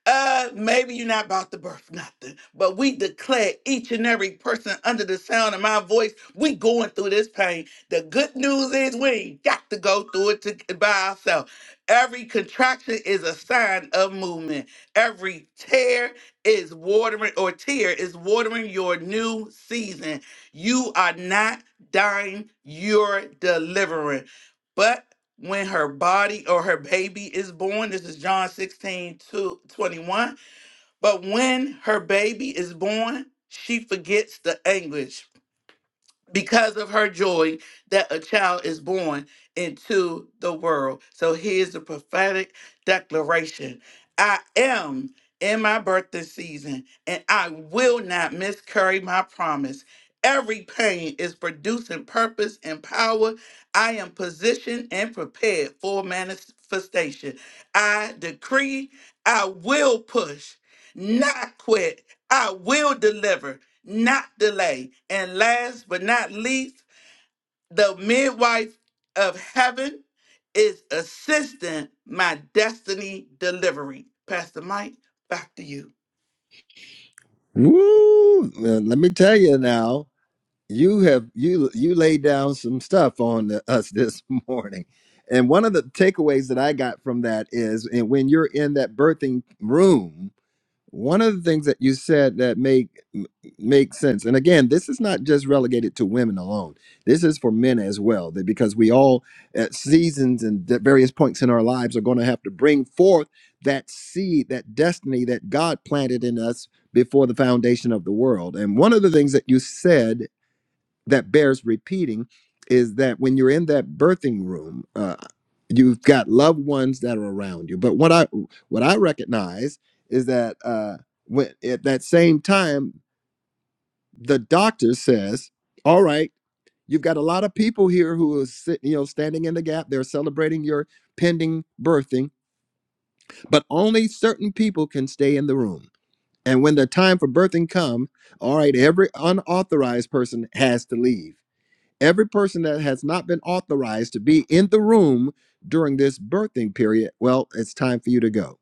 Uh, maybe you're not about to birth nothing, but we declare each and every person under the sound of my voice, we going through this pain the good news is we ain't got to go through it to, by ourselves. Every contraction is a sign of movement. Every tear is watering or tear is watering your new season. You are not dying, you're delivering. But when her body or her baby is born, this is John 16 to 21. But when her baby is born, she forgets the anguish because of her joy that a child is born into the world. So here's the prophetic declaration I am in my birthing season, and I will not miscarry my promise. Every pain is producing purpose and power. I am positioned and prepared for manifestation. I decree I will push, not quit. I will deliver not delay. And last but not least, the midwife of heaven is assisting my destiny delivery. Pastor Mike, back to you.
Woo! uh, Let me tell you now. you have you you laid down some stuff on the- us this *laughs* morning and one of the takeaways that i got from that is and when you're in that birthing room one of the things that you said that make m- make sense and again this is not just relegated to women alone this is for men as well that because we all at seasons and at various points in our lives are going to have to bring forth that seed that destiny that god planted in us before the foundation of the world and one of the things that you said that bears repeating is that when you're in that birthing room, uh, you've got loved ones that are around you. But what I what I recognize is that uh, when at that same time, the doctor says, "All right, you've got a lot of people here who are sit, you know standing in the gap. They're celebrating your pending birthing, but only certain people can stay in the room." And when the time for birthing come, all right, every unauthorized person has to leave Every person that has not been authorized to be in the room during this birthing period, well, it's time for you to go.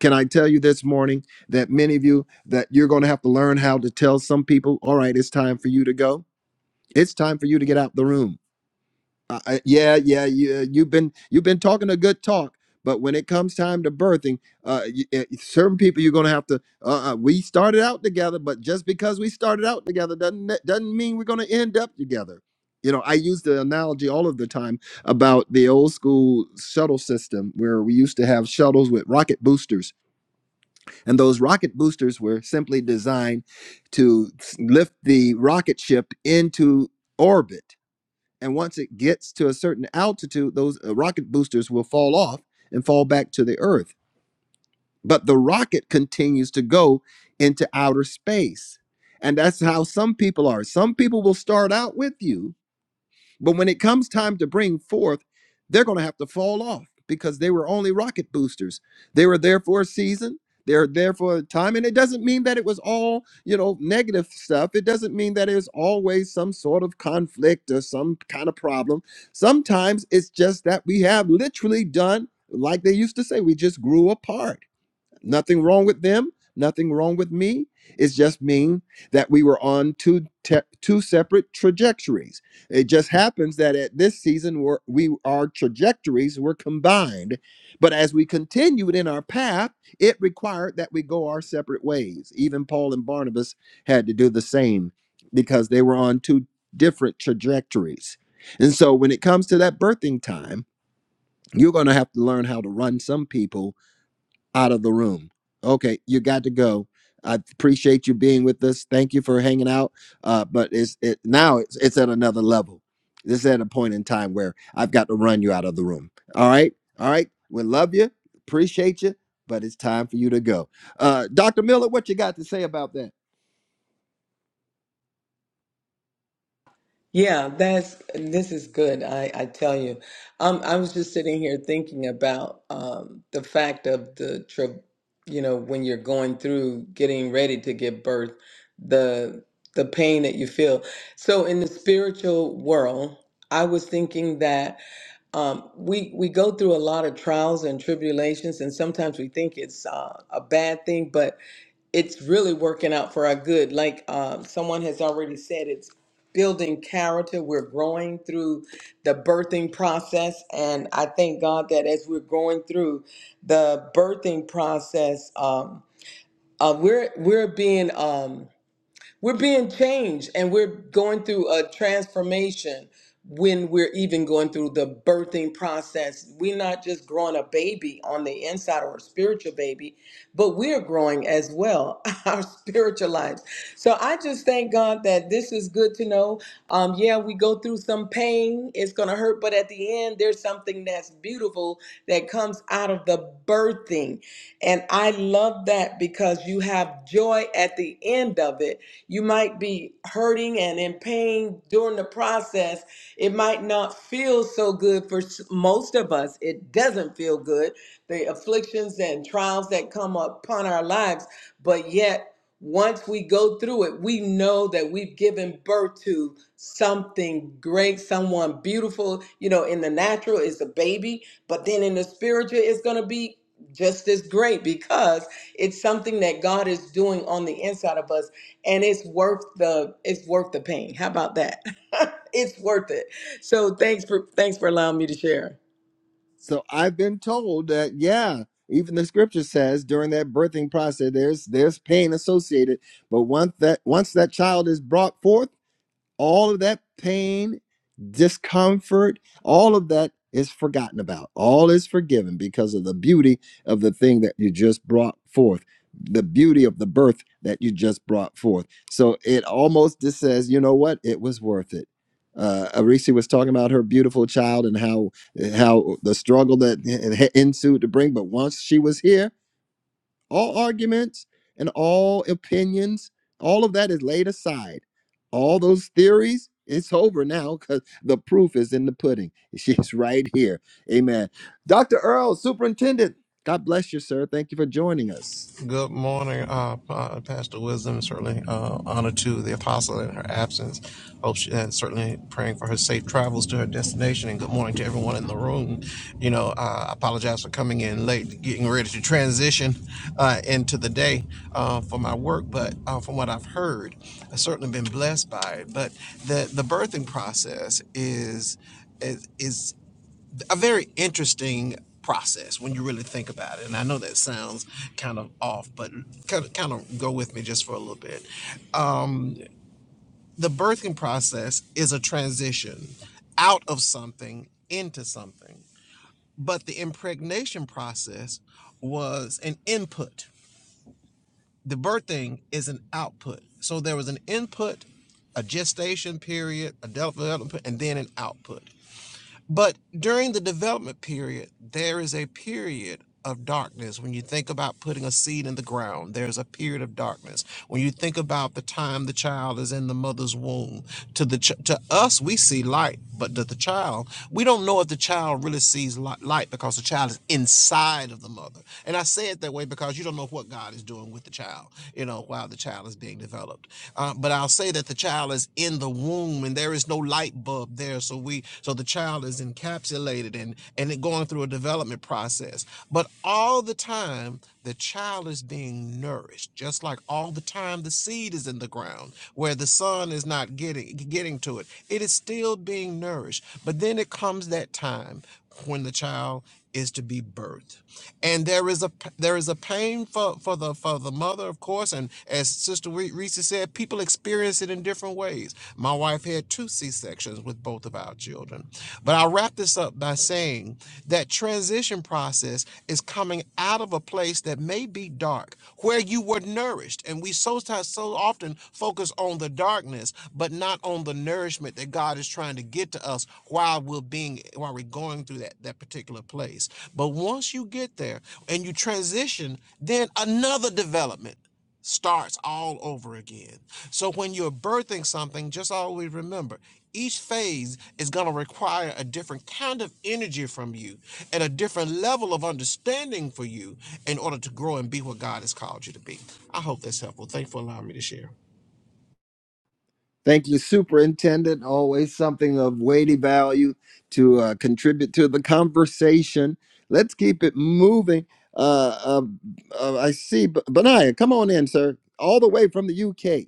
Can I tell you this morning that many of you that you're going to have to learn how to tell some people, all right, it's time for you to go. It's time for you to get out the room uh, uh, yeah, yeah, yeah. You've been you've been talking a good talk, but when it comes time to birthing, uh, you, uh, certain people you're gonna have to. Uh, uh, we started out together, but just because we started out together doesn't ne- doesn't mean we're gonna end up together. You know, I use the analogy all of the time about the old school shuttle system where we used to have shuttles with rocket boosters, and those rocket boosters were simply designed to s- lift the rocket ship into orbit and once it gets to a certain altitude, those uh, rocket boosters will fall off and fall back to the Earth. But the rocket continues to go into outer space. And that's how some people are. Some people will start out with you but when it comes time to bring forth, they're going to have to fall off because they were only rocket boosters. They were there for a season. They're there for a time. And it doesn't mean that it was all, you know, negative stuff. It doesn't mean that there's always some sort of conflict or some kind of problem. Sometimes it's just that we have literally done, like they used to say, we just grew apart Nothing wrong with them, nothing wrong with me. It's just mean that we were on two te- two separate trajectories. It just happens that at this season we're, we our trajectories were combined, but as we continued in our path, it required that we go our separate ways. Even Paul and Barnabas had to do the same because they were on two different trajectories. And so when it comes to that birthing time, you're going to have to learn how to run some people out of the room. Okay, you got to go. I appreciate you being with us. Thank you for hanging out. Uh, but it's it now it's it's at another level. This is at a point in time where I've got to run you out of the room. All right, all right. We love you, appreciate you, but it's time for you to go. Uh, Doctor Miller, what you got to say about that?
Yeah, that's this is good. I I tell you, um, I was just sitting here thinking about um the fact of the tra you know, when you're going through getting ready to give birth, the the pain that you feel. So in the spiritual world, I was thinking that. um, we we go through a lot of trials and tribulations, and sometimes we think it's uh, a bad thing, but it's really working out for our good. Like uh, someone has already said, it's building character. We're growing through the birthing process, and I thank God that as we're going through the birthing process, um, uh, we're we're being um, we're being changed and we're going through a transformation when we're even going through the birthing process. We're not just growing a baby on the inside or a spiritual baby, but we're growing as well, *laughs* our spiritual lives. So I just thank God that this is good to know. Um, yeah, we go through some pain, it's going to hurt, but at the end, there's something that's beautiful that comes out of the birthing. And I love that because you have joy at the end of it you might be hurting and in pain during the process. It might not feel so good for s- most of us. It doesn't feel good, the afflictions and trials that come upon our lives. But yet, once we go through it, we know that we've given birth to something great, someone beautiful. You know, in the natural is a baby, but then in the spiritual, it's going to be just as great because it's something that God is doing on the inside of us and it's worth the it's worth the pain. How about that? *laughs* it's worth it. So thanks for thanks for allowing me to share.
So I've been told that yeah, even the scripture says during that birthing process, there's there's pain associated. But once that once that child is brought forth all of that pain, discomfort, all of that is forgotten about. All is forgiven because of the beauty of the thing that you just brought forth, the beauty of the birth that you just brought forth. So it almost just says, you know what? It was worth it. Uh, Arisi was talking about her beautiful child and how how the struggle that ensued to bring, but once she was here, all arguments and all opinions, all of that is laid aside. All those theories, it's over now because the proof is in the pudding. *laughs* She's right here. Amen. Dr. Earl, Superintendent, God bless you, sir. Thank you for joining us.
Good morning, uh, Pa- Pastor Wisdom. Certainly uh, honor to the apostle in her absence. Hope she, and certainly praying for her safe travels to her destination. And good morning to everyone in the room. You know, uh, I apologize for coming in late, getting ready to transition uh, into the day uh, for my work. But uh, from what I've heard, I've certainly been blessed by it. But the the birthing process is. Is, is a very interesting process when you really think about it. And I know that sounds kind of off, but kind of, kind of go with me just for a little bit. The birthing process is a transition out of something into something, but the impregnation process was an input. The birthing is an output. So there was an input, a gestation period, a development, and then an output. But during the development period, there is a period of darkness. When you think about putting a seed in the ground, there's a period of darkness. When you think about the time the child is in the mother's womb, to the ch- to us we see light, but to the child, we don't know if the child really sees li- light because the child is inside of the mother. And I say it that way because you don't know what God is doing with the child, you know, while the child is being developed. Uh, but I'll say that the child is in the womb, and there is there's no light bulb there so we so the child is encapsulated and and it going through a development process but all the time the child is being nourished just like all the time the seed is in the ground where the sun is not getting getting to it it is still being nourished but then it comes that time when the child is to be birthed and there is a there is a pain for for the for the mother of course and as sister Reese said people experience it in different ways my wife had two c-sections with both of our children but i'll wrap this up by saying that transition process is coming out of a place that may be dark, where you were nourished. And we so, so so often focus on the darkness, but not on the nourishment that God is trying to get to us while we're being while we're going through that, that particular place. But once you get there and you transition, then another development starts all over again. So when you're birthing something, just always remember each phase is going to require a different kind of energy from you and a different level of understanding for you in order to grow and be what God has called you to be. I hope that's helpful. Thanks for allowing me to share.
Thank you, Superintendent. Always something of weighty value to uh, contribute to the conversation. Let's keep it moving. Uh, uh, uh, I see, B- Benaiah, come on in, sir, all the way from the UK.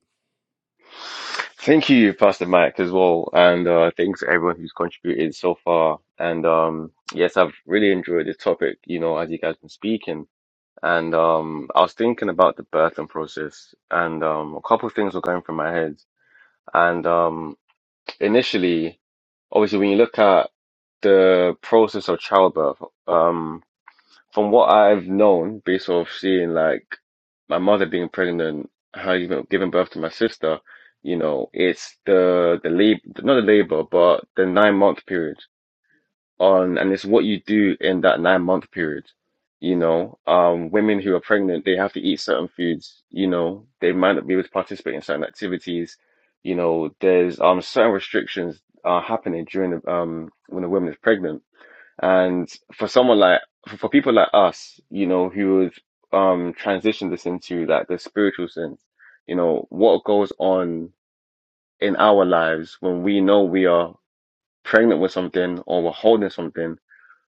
Thank you, Pastor Mike, as well, and uh, thanks to everyone who's contributed so far. And um, yes, I've really enjoyed this topic, you know, as you guys been speaking. And um, I was thinking about the birthing process, and um, a couple of things were going through my head. And um, initially, obviously, when you look at the process of childbirth, um, from what I've known, based off seeing like my mother being pregnant, her even giving birth to my sister, you know, it's the the labor, not the labor, but the nine month period on and it's what you do in that nine month period. You know, um, women who are pregnant, they have to eat certain foods, you know, they might not be able to participate in certain activities. You know, there's um certain restrictions are happening during the um when a woman is pregnant. And for someone like for, for people like us, you know, who would um transition this into like the spiritual sense, you know, what goes on in our lives when we know we are pregnant with something or we're holding something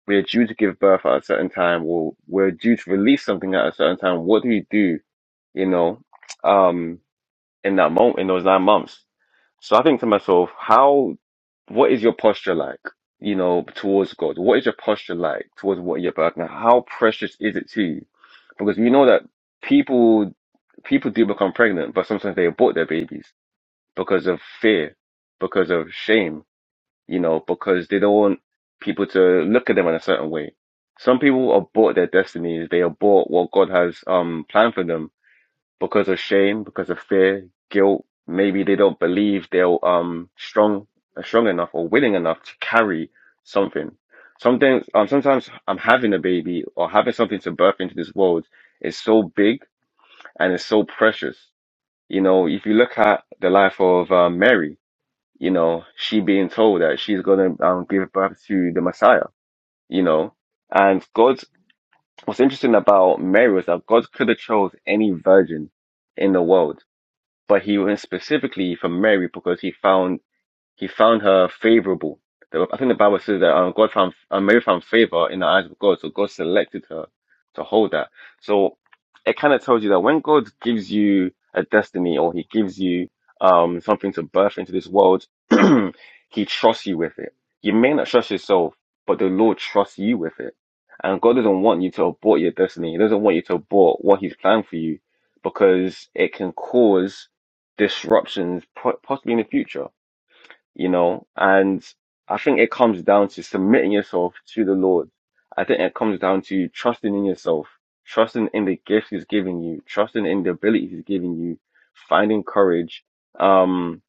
we're due to give birth at a certain time or we're due to release something at a certain time what do you do you know um in that moment in those nine months so i think to myself how what is your posture like you know towards god what is your posture like towards what you're birthing how precious is it to you because we know that people people do become pregnant but sometimes they abort their babies because of fear because of shame you know, because they don't want people to look at them in a certain way. Some people abort their destinies, they abort what God has um planned for them because of shame, because of fear, guilt. Maybe they don't believe they're um strong uh, strong enough or willing enough to carry something. Sometimes um sometimes um having a baby or having something to birth into this world is so big and it's so precious. You know, if you look at the life of uh, Mary, you know, she being told that she's going to um, give birth to the Messiah, you know. And God, what's interesting about Mary was that God could have chose any virgin in the world, but he went specifically for Mary because he found he found her favorable. The- I think the Bible says that um, God found uh, Mary found favor in the eyes of God, so God selected her to hold that. So it kind of tells you that when God gives you a destiny or He gives you um something to birth into this world, *clears throat* He trusts you with it. You may not trust yourself, but the Lord trusts you with it. And God doesn't want you to abort your destiny. He doesn't want you to abort what He's planned for you because it can cause disruptions po- possibly in the future you know, and I think it comes down to submitting yourself to the Lord. I think it comes down to trusting in yourself, trusting in the gifts He's giving you, trusting in the ability He's giving you, finding courage. Um,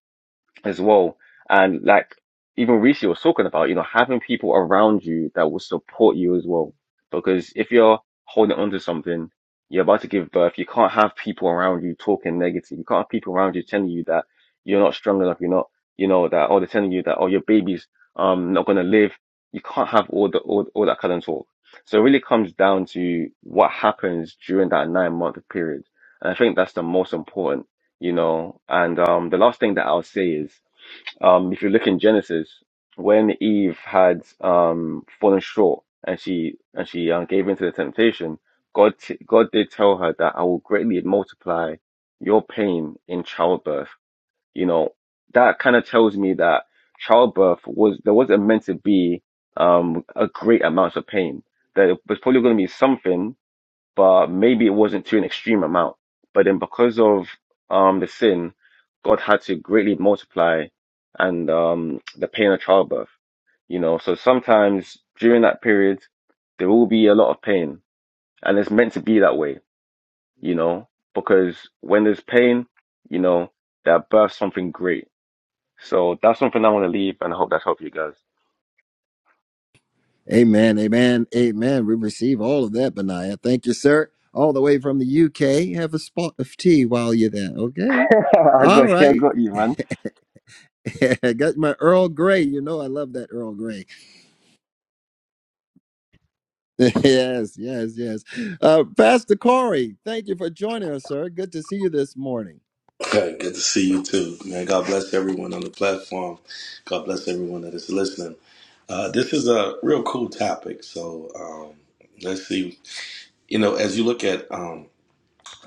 as well. And like even Rishi was talking about, you know, having people around you that will support you as well. Because if you're holding on to something, you're about to give birth, you can't have people around you talking negative. You can't have people around you telling you that you're not strong enough, you're not, you know, that or they're telling you that oh your baby's um not gonna live. You can't have all the all, all that kind of talk. So it really comes down to what happens during that nine month period. And I think that's the most important you know. And um, the last thing that I'll say is um, if you look in Genesis, when Eve had um, fallen short and she and she uh, gave into the temptation, God t- God did tell her that I will greatly multiply your pain in childbirth. You know that kind of tells me that childbirth was there wasn't meant to be um, a great amount of pain. There was probably going to be something but maybe it wasn't to an extreme amount. But then because of um, the sin, God had to greatly multiply and um, the pain of childbirth, you know. So sometimes during that period, there will be a lot of pain and it's meant to be that way, you know, because when there's pain, you know, that births something great. So that's something I want to leave and I hope that's helped you guys.
Amen, amen, amen. We receive all of that, Benaiah. Thank you, sir. All the way from the UK. Have a spot of tea while you're there.
*laughs*
Okay.
I
All
got you, I
right.
got you, man.
*laughs* Got my Earl Grey. You know I love that Earl Grey. *laughs* yes, yes, yes. Uh, Pastor Corey, thank you for joining us, sir. Good to see you this morning.
Hey, good to see you too, man. God bless everyone on the platform. God bless everyone that is listening. Uh, this is a real cool topic. So um, let's see. You know, as you look at um,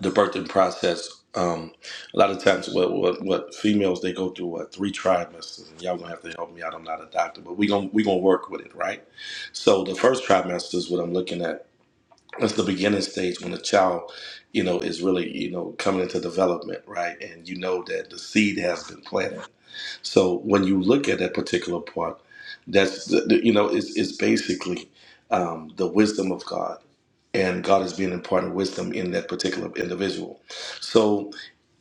the birthing process, um, a lot of times what, what what females they go through what three trimesters. And y'all gonna have to help me out. I'm not a doctor, but we gonna we gonna work with it, right? So the first trimester is what I'm looking at that's the beginning stage when a child you know is really you know coming into development right and you know that the seed has been planted so when you look at that particular part that's the, the- you know is is basically um, the wisdom of god and god is being imparted wisdom in that particular individual so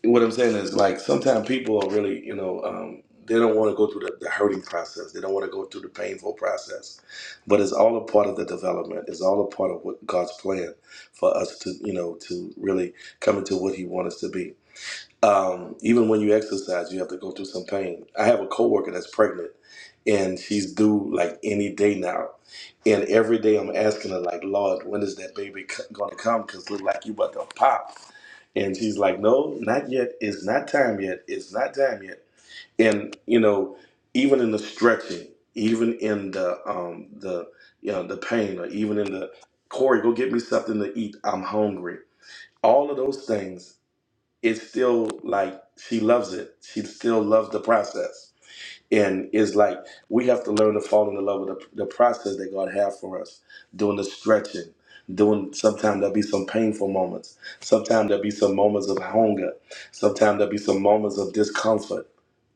what I'm saying is like sometimes people are really, you know, um, they don't want to go through the, the hurting process. They don't want to go through the painful process. But it's all a part of the development. It's all a part of what God's plan for us to, you know, to really come into what He wants us to be. Um, even when you exercise, you have to go through some pain. I have a coworker that's pregnant, and she's due like any day now. And every day I'm asking her, like, Lord, when is that baby c- gonna come? Cause look like you about to pop. And she's like, No, not yet. It's not time yet. It's not time yet. And you know, even in the stretching, even in the um the you know the pain, or even in the Corey, go get me something to eat. I'm hungry. All of those things it's still like she loves it. She still loves the process. And it's like we have to learn to fall in love with the, the process that God has for us, doing the stretching, doing sometimes there'll be some painful moments. Sometimes there'll be some moments of hunger. Sometimes there'll be some moments of discomfort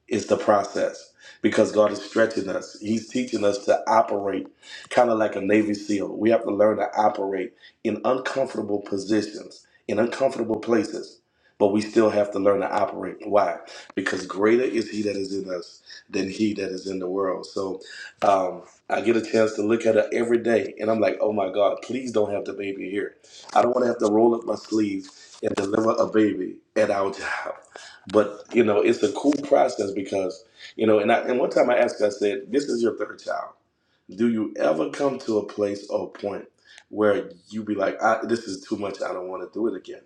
is the process because God is stretching us. He's teaching us to operate kind of like a Navy SEAL. We have to learn to operate in uncomfortable positions, in uncomfortable places, but we still have to learn to operate. Why? Because greater is He that is in us than He that is in the world. So um, I get a chance to look at it every day and I'm like, oh my God, please don't have the baby here. I don't want to have to roll up my sleeves and deliver a baby at our *laughs* job. But you know, it's a cool process because you know, and I and one time I asked, I said, "This is your third child. Do you ever come to a place or point where you be like, I, this is too much. I don't want to do it again."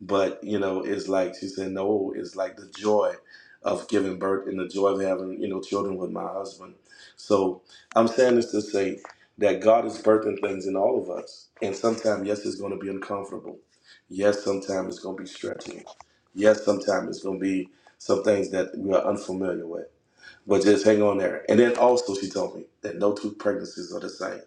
but you know it's like she said no it's like the joy of giving birth and the joy of having you know children with my husband so i'm saying this to say that god is birthing things in all of us and sometimes yes it's going to be uncomfortable yes sometimes it's going to be stretching yes sometimes it's going to be some things that we are unfamiliar with but just hang on there and then also she told me that no two pregnancies are the same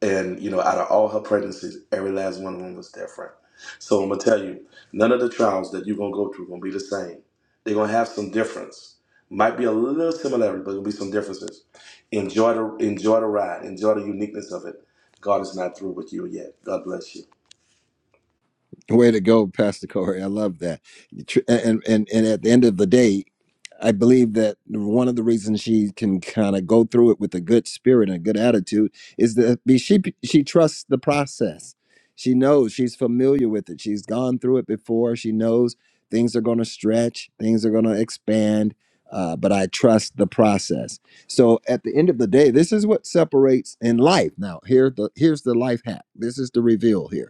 and you know, out of all her pregnancies, every last one of them was different. So I'm gonna tell you, none of the trials that you're gonna go through gonna be the same. They're gonna have some difference. Might be a little similarity, but there'll be some differences. Enjoy the enjoy the ride. Enjoy the uniqueness of it. God is not through with you yet. God bless you.
Way to go, Pastor Corey. I love that. You tr- And and and at the end of the day, I believe that one of the reasons she can kind of go through it with a good spirit and a good attitude is that be- she she trusts the process. She knows she's familiar with it. She's gone through it before. She knows things are going to stretch, things are going to expand. Uh, but I trust the process. So at the end of the day, this is what separates in life. Now here the here's the life hack. This is the reveal here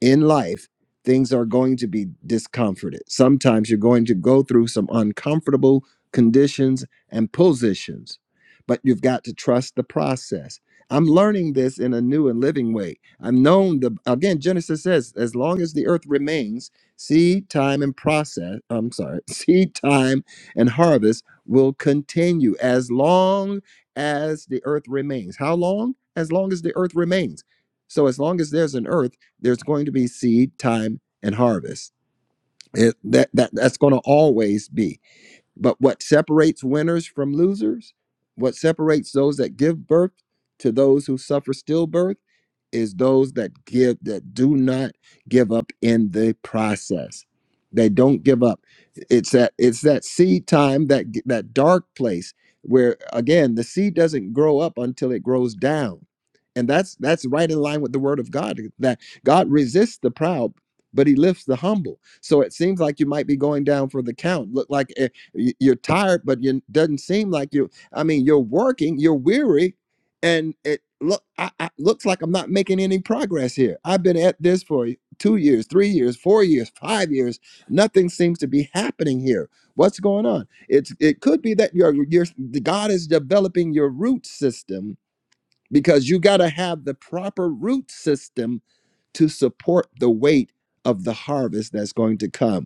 in life, things are going to be discomforted. Sometimes you're going to go through some uncomfortable conditions and positions, but you've got to trust the process. I'm learning this in a new and living way. I've known the again Genesis says as long as the earth remains, seed time and process, I'm sorry, *laughs* seed time and harvest will continue as long as the earth remains. How long? As long as the earth remains. So as long as there's an earth there's going to be seed time and harvest it, that, that that's going to always be but what separates winners from losers what separates those that give birth to those who suffer stillbirth is those that give that do not give up in the process they don't give up it's that it's that seed time that that dark place where again the seed doesn't grow up until it grows down and that's that's right in line with the word of god that god resists the proud but he lifts the humble so it seems like you might be going down for the count look like eh, y- you're tired but you doesn't seem like you i mean you're working you're weary and it look I, I looks like I'm not making any progress here. I've been at this for two years, three years, four years, five years. Nothing seems to be happening here. What's going on? It's it could be that your your God is developing your root system because you got to have the proper root system to support the weight of the harvest that's going to come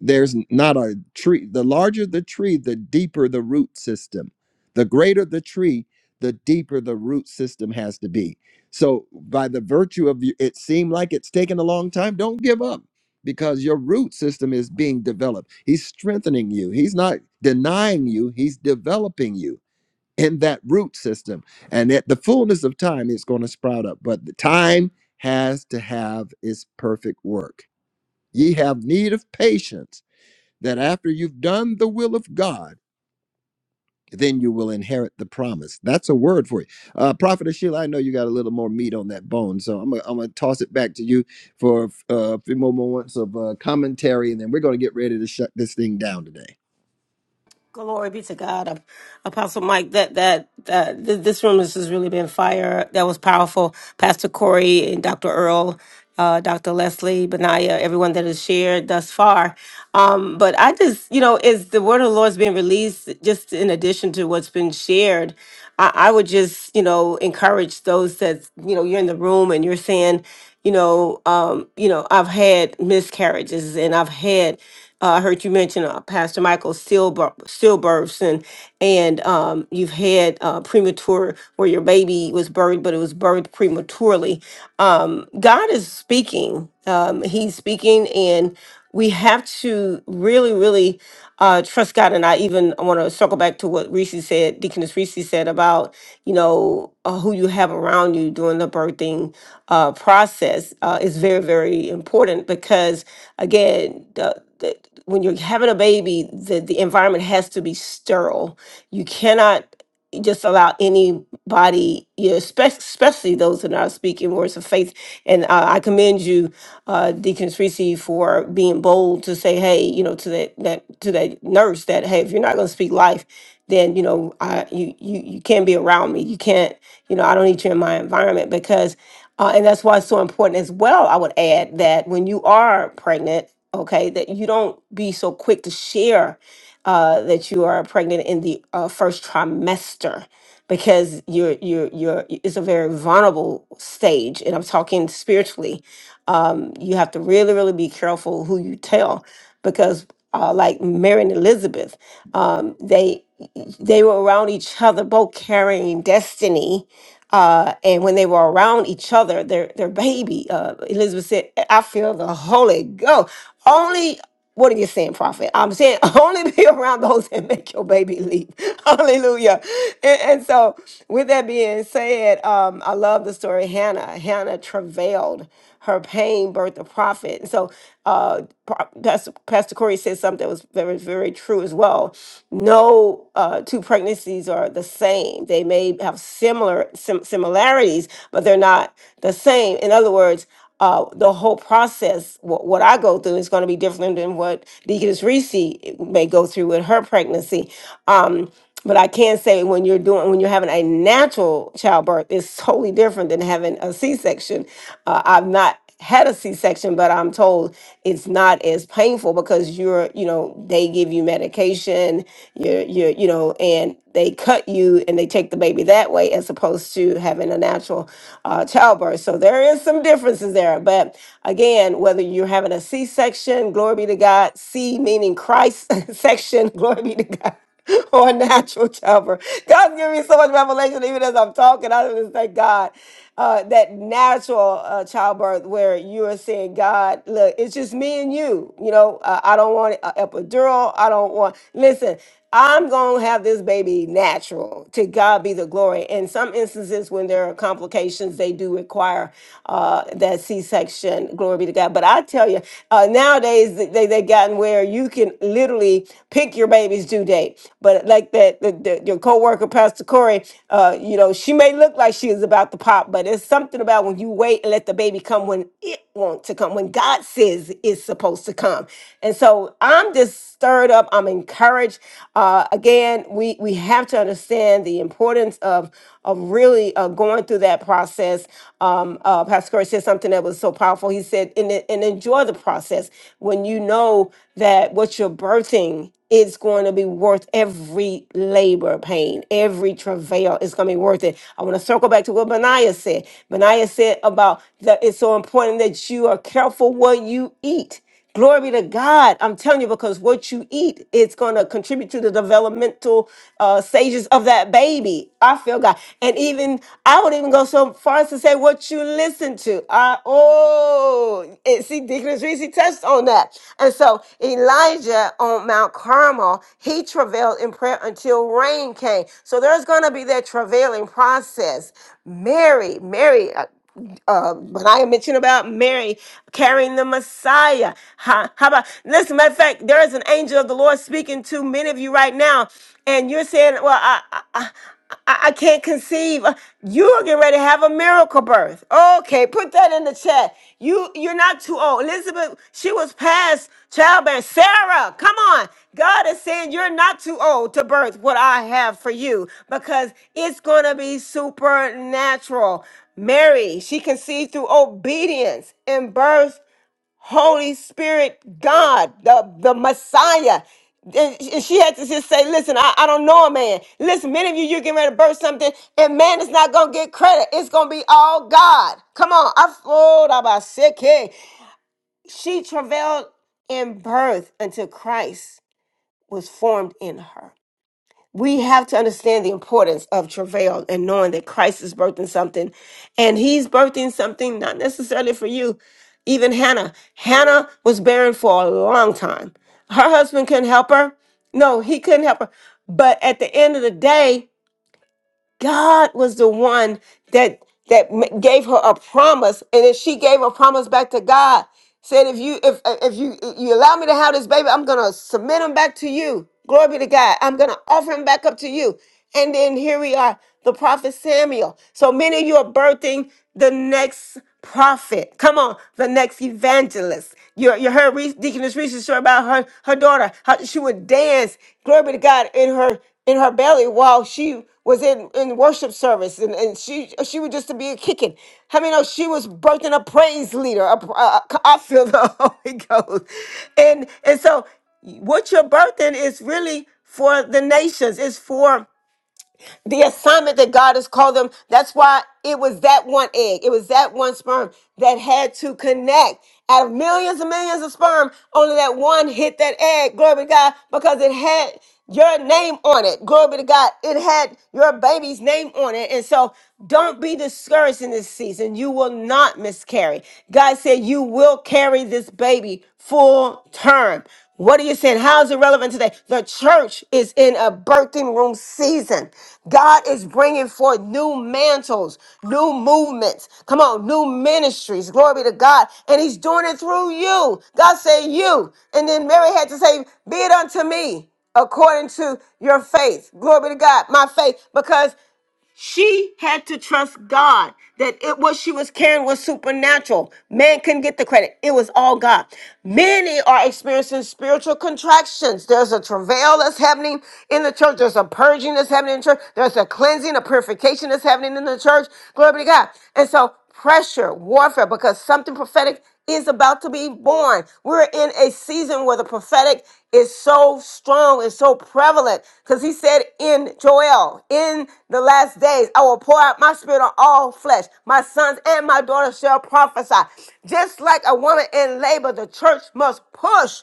there's not a tree the larger the tree the deeper the root system the greater the tree the deeper the root system has to be so by the virtue of you it seemed like it's taken a long time don't give up because your root system is being developed he's strengthening you he's not denying you he's developing you in that root system and at the fullness of time it's going to sprout up but the time has to have its perfect work ye have need of patience that after you've done the will of God, then you will inherit the promise. That's a word for you. Uh, Prophet Sheila, I know you got a little more meat on that bone, so I'm gonna, I'm gonna toss it back to you for uh, a few more moments of uh, commentary, and then we're gonna get ready to shut this thing down today.
Glory be to God, Ap- Apostle Mike. That that that th- this room has just really been fire. That was powerful. Pastor Corey and Dr. Earl, uh, Dr. Leslie, Benaya, everyone that has shared thus far. Um, but I just, you know, is the word of the Lord's being released just in addition to what's been shared. I, I would just, you know, encourage those that, you know, you're in the room and you're saying, you know, um, you know, I've had miscarriages and I've had uh, I heard you mention uh, Pastor Michael stillbir- stillbirths, and and um, you've had uh, premature where your baby was birthed, but it was birthed prematurely. Um, God is speaking. Um, he's speaking, and we have to really, really uh, trust God. And I even want to circle back to what Reese said, Deaconess Reese said about you know uh, who you have around you during the birthing uh, process uh, is very, very important because again, the the, when you're having a baby, the, the environment has to be sterile. You cannot just allow anybody, you know, especially, especially those that are not speaking words of faith. And uh, I commend you, uh, Deacon Tracy, for being bold to say, hey, you know, to that, that to that nurse that, hey, if you're not going to speak life, then you know, I, you you you can't be around me. You can't, you know, I don't need you in my environment because uh, and that's why it's so important as well. I would add that when you are pregnant, okay, that you don't be so quick to share uh, that you are pregnant in the uh, first trimester because you're you're you're it's a very vulnerable stage and i'm talking spiritually um you have to really really be careful who you tell because uh, like mary and elizabeth um they they were around each other both carrying destiny uh, and when they were around each other, their their baby, uh, Elizabeth said, "I feel the Holy Ghost." Only what are you saying, prophet? I'm saying *laughs* only be around those that make your baby leap. *laughs* Hallelujah. And, and so, with that being said, um, I love the story of Hannah. Hannah travailed her pain, birthed a prophet. And so, uh, Pro- Pastor, Pastor Corey said something that was very, very true as well. No uh, two pregnancies are the same. They may have similar sim- similarities, but they're not the same. In other words, uh, the whole process, what, what I go through, is going to be different than what Deaconess Reese may go through with her pregnancy. Um, but I can say when you're doing, when you're having a natural childbirth, it's totally different than having a C-section. Uh, I've not had a C-section, but I'm told it's not as painful because you're, you know, they give you medication, you're, you're, you know, and they cut you and they take the baby that way as opposed to having a natural uh, childbirth. So there is some differences there. But again, whether you're having a C-section, glory be to God, C meaning Christ *laughs* section, glory be to God. *laughs* or a natural childbirth. God's giving me so much revelation, even as I'm talking. I just thank God uh, that natural uh, childbirth, where you are saying, God, look, it's just me and you. You know, uh, I don't want an epidural. I don't want, listen, I'm going to have this baby natural. To God be the glory. In some instances, when there are complications, they do require uh, that C section. Glory be to God that. But I tell you, uh, nowadays they they they gotten where you can literally pick your baby's due date. But like that, the, the, your coworker Pastor Corey, uh, you know, she may look like she is about to pop, but it's something about when you wait and let the baby come when it wants to come, when God says it's supposed to come. And so I'm just stirred up. I'm encouraged. Uh, again, we we have to understand the importance of of of really uh, going through that process. Um, uh, Pastor Curry said something that was so powerful. He said, and, and enjoy the process when you know that what you're birthing is going to be worth every labor pain, every travail is going to be worth it. I want to circle back to what Benaiah said. Benaiah said about that it's so important that you are careful what you eat Glory to God. I'm telling you, because what you eat, it's going to contribute to the developmental uh, stages of that baby. I feel God. And even, I would even go so far as to say what you listen to. I, oh, it, see, Deaconess Reese touched on that. And so Elijah on Mount Carmel, he travailed in prayer until rain came. So there's going to be that travailing process. Mary, Mary, uh, uh, when I mentioned about Mary carrying the Messiah. How, how about, listen, matter of fact, there is an angel of the Lord speaking to many of you right now, and you're saying, well, I, I, I I I can't conceive. Uh, You are getting ready to have a miracle birth. Okay, put that in the chat. You you're not too old. Elizabeth, she was past childbearing. Sarah, come on. God is saying you're not too old to birth what I have for you because it's gonna be supernatural. Mary, she conceived through obedience and birth, Holy Spirit, God, the, the Messiah. And and she had to just say, listen, I, I don't know a man. Listen, many of you, you're getting ready to birth something, and man is not going to get credit. It's going to be all God. Come on. I fooled about sick She travailed in birth until Christ was formed in her we have to understand the importance of travail and knowing that Christ is birthing something and he's birthing something not necessarily for you. Even Hannah, Hannah was barren for a long time. Her husband couldn't help her. No, he couldn't help her. But at the end of the day, God was the one that that m- gave her a promise, and then she gave a promise back to God, said, "If you if uh, if you you allow me to have this baby, I'm gonna submit him back to you. Glory be to God. I'm gonna offer him back up to you." And then here we are, the prophet Samuel. So many of you are birthing the next prophet. Come on, the next evangelist. You, you heard Reese, Deaconess Reese's story about her, her daughter, how she would dance, glory be to God, in her in her belly while she was in, in worship service and, and she she would just be a kicking. How mean, know she was birthing a praise leader. a pr- a- a- I feel the *laughs* Holy Ghost. And, and so what you're birthing is really for the nations. It's for the assignment that God has called them. That's why it was that one egg, it was that one sperm that had to connect. Out of millions and millions of sperm, only that one hit that egg. Glory be to God, because it had your name on it. Glory be to God. It had your baby's name on it. And so don't be discouraged in this season. You will not miscarry. God said you will carry this baby full term. What are you saying? How is it relevant today? The church is in a birthing room season. God is bringing forth new mantles, new movements. Come on, new ministries. Glory be to God. And he's doing it through you. God said you. And then Mary had to say, be it unto me according to your faith. Glory be to God, my faith, because she had to trust God that it what she was carrying was supernatural. Man couldn't get the credit. It was all God. Many are experiencing spiritual contractions. There's a travail that's happening in the church. There's a purging that's happening in the church. There's a cleansing, a purification that's happening in the church. Glory be to God. And so pressure, warfare, because something prophetic is about to be born. We're in a season where the prophetic is so strong and so prevalent because he said in Joel, in the last days, I will pour out my spirit on all flesh. My sons and my daughters shall prophesy. Just like a woman in labor, the church must push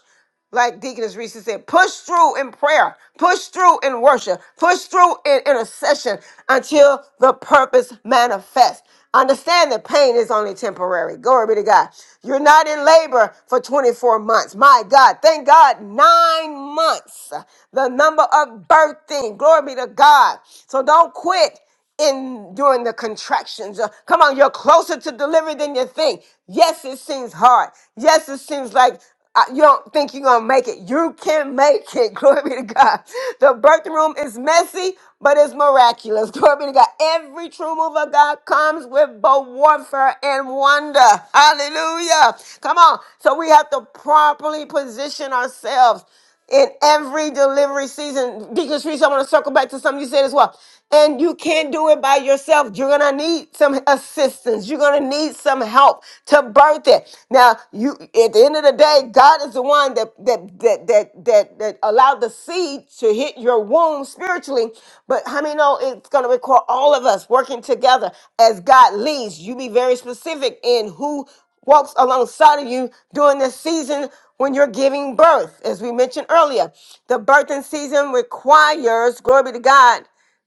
like Deaconess Reese said, push through in prayer, push through in worship, push through in intercession until the purpose manifests. Understand that pain is only temporary. Glory be to God. You're not in labor for 24 months. My God, thank God, nine months, the number of birthing. Glory be to God. So don't quit in during the contractions. Uh, come on, you're closer to delivery than you think. Yes, it seems hard. Yes, it seems like uh, you don't think you're gonna make it. You can make it. *laughs* Glory be to God. The birth room is messy, but it's miraculous. *laughs* Glory be to God. Every true move of God comes with both warfare and wonder. Hallelujah. Come on. So we have to properly position ourselves in every delivery season. Deacon Streets, I want to circle back to something you said as well. And you can't do it by yourself. You're gonna need some assistance. You're gonna need some help to birth it. Now, you at the end of the day, God is the one that that that that that, that allowed the seed to hit your womb spiritually. But how many know it's gonna require all of us working together as God leads. You be very specific in who walks alongside of you during this season when you're giving birth. As we mentioned earlier, the birthing season requires, glory be to God,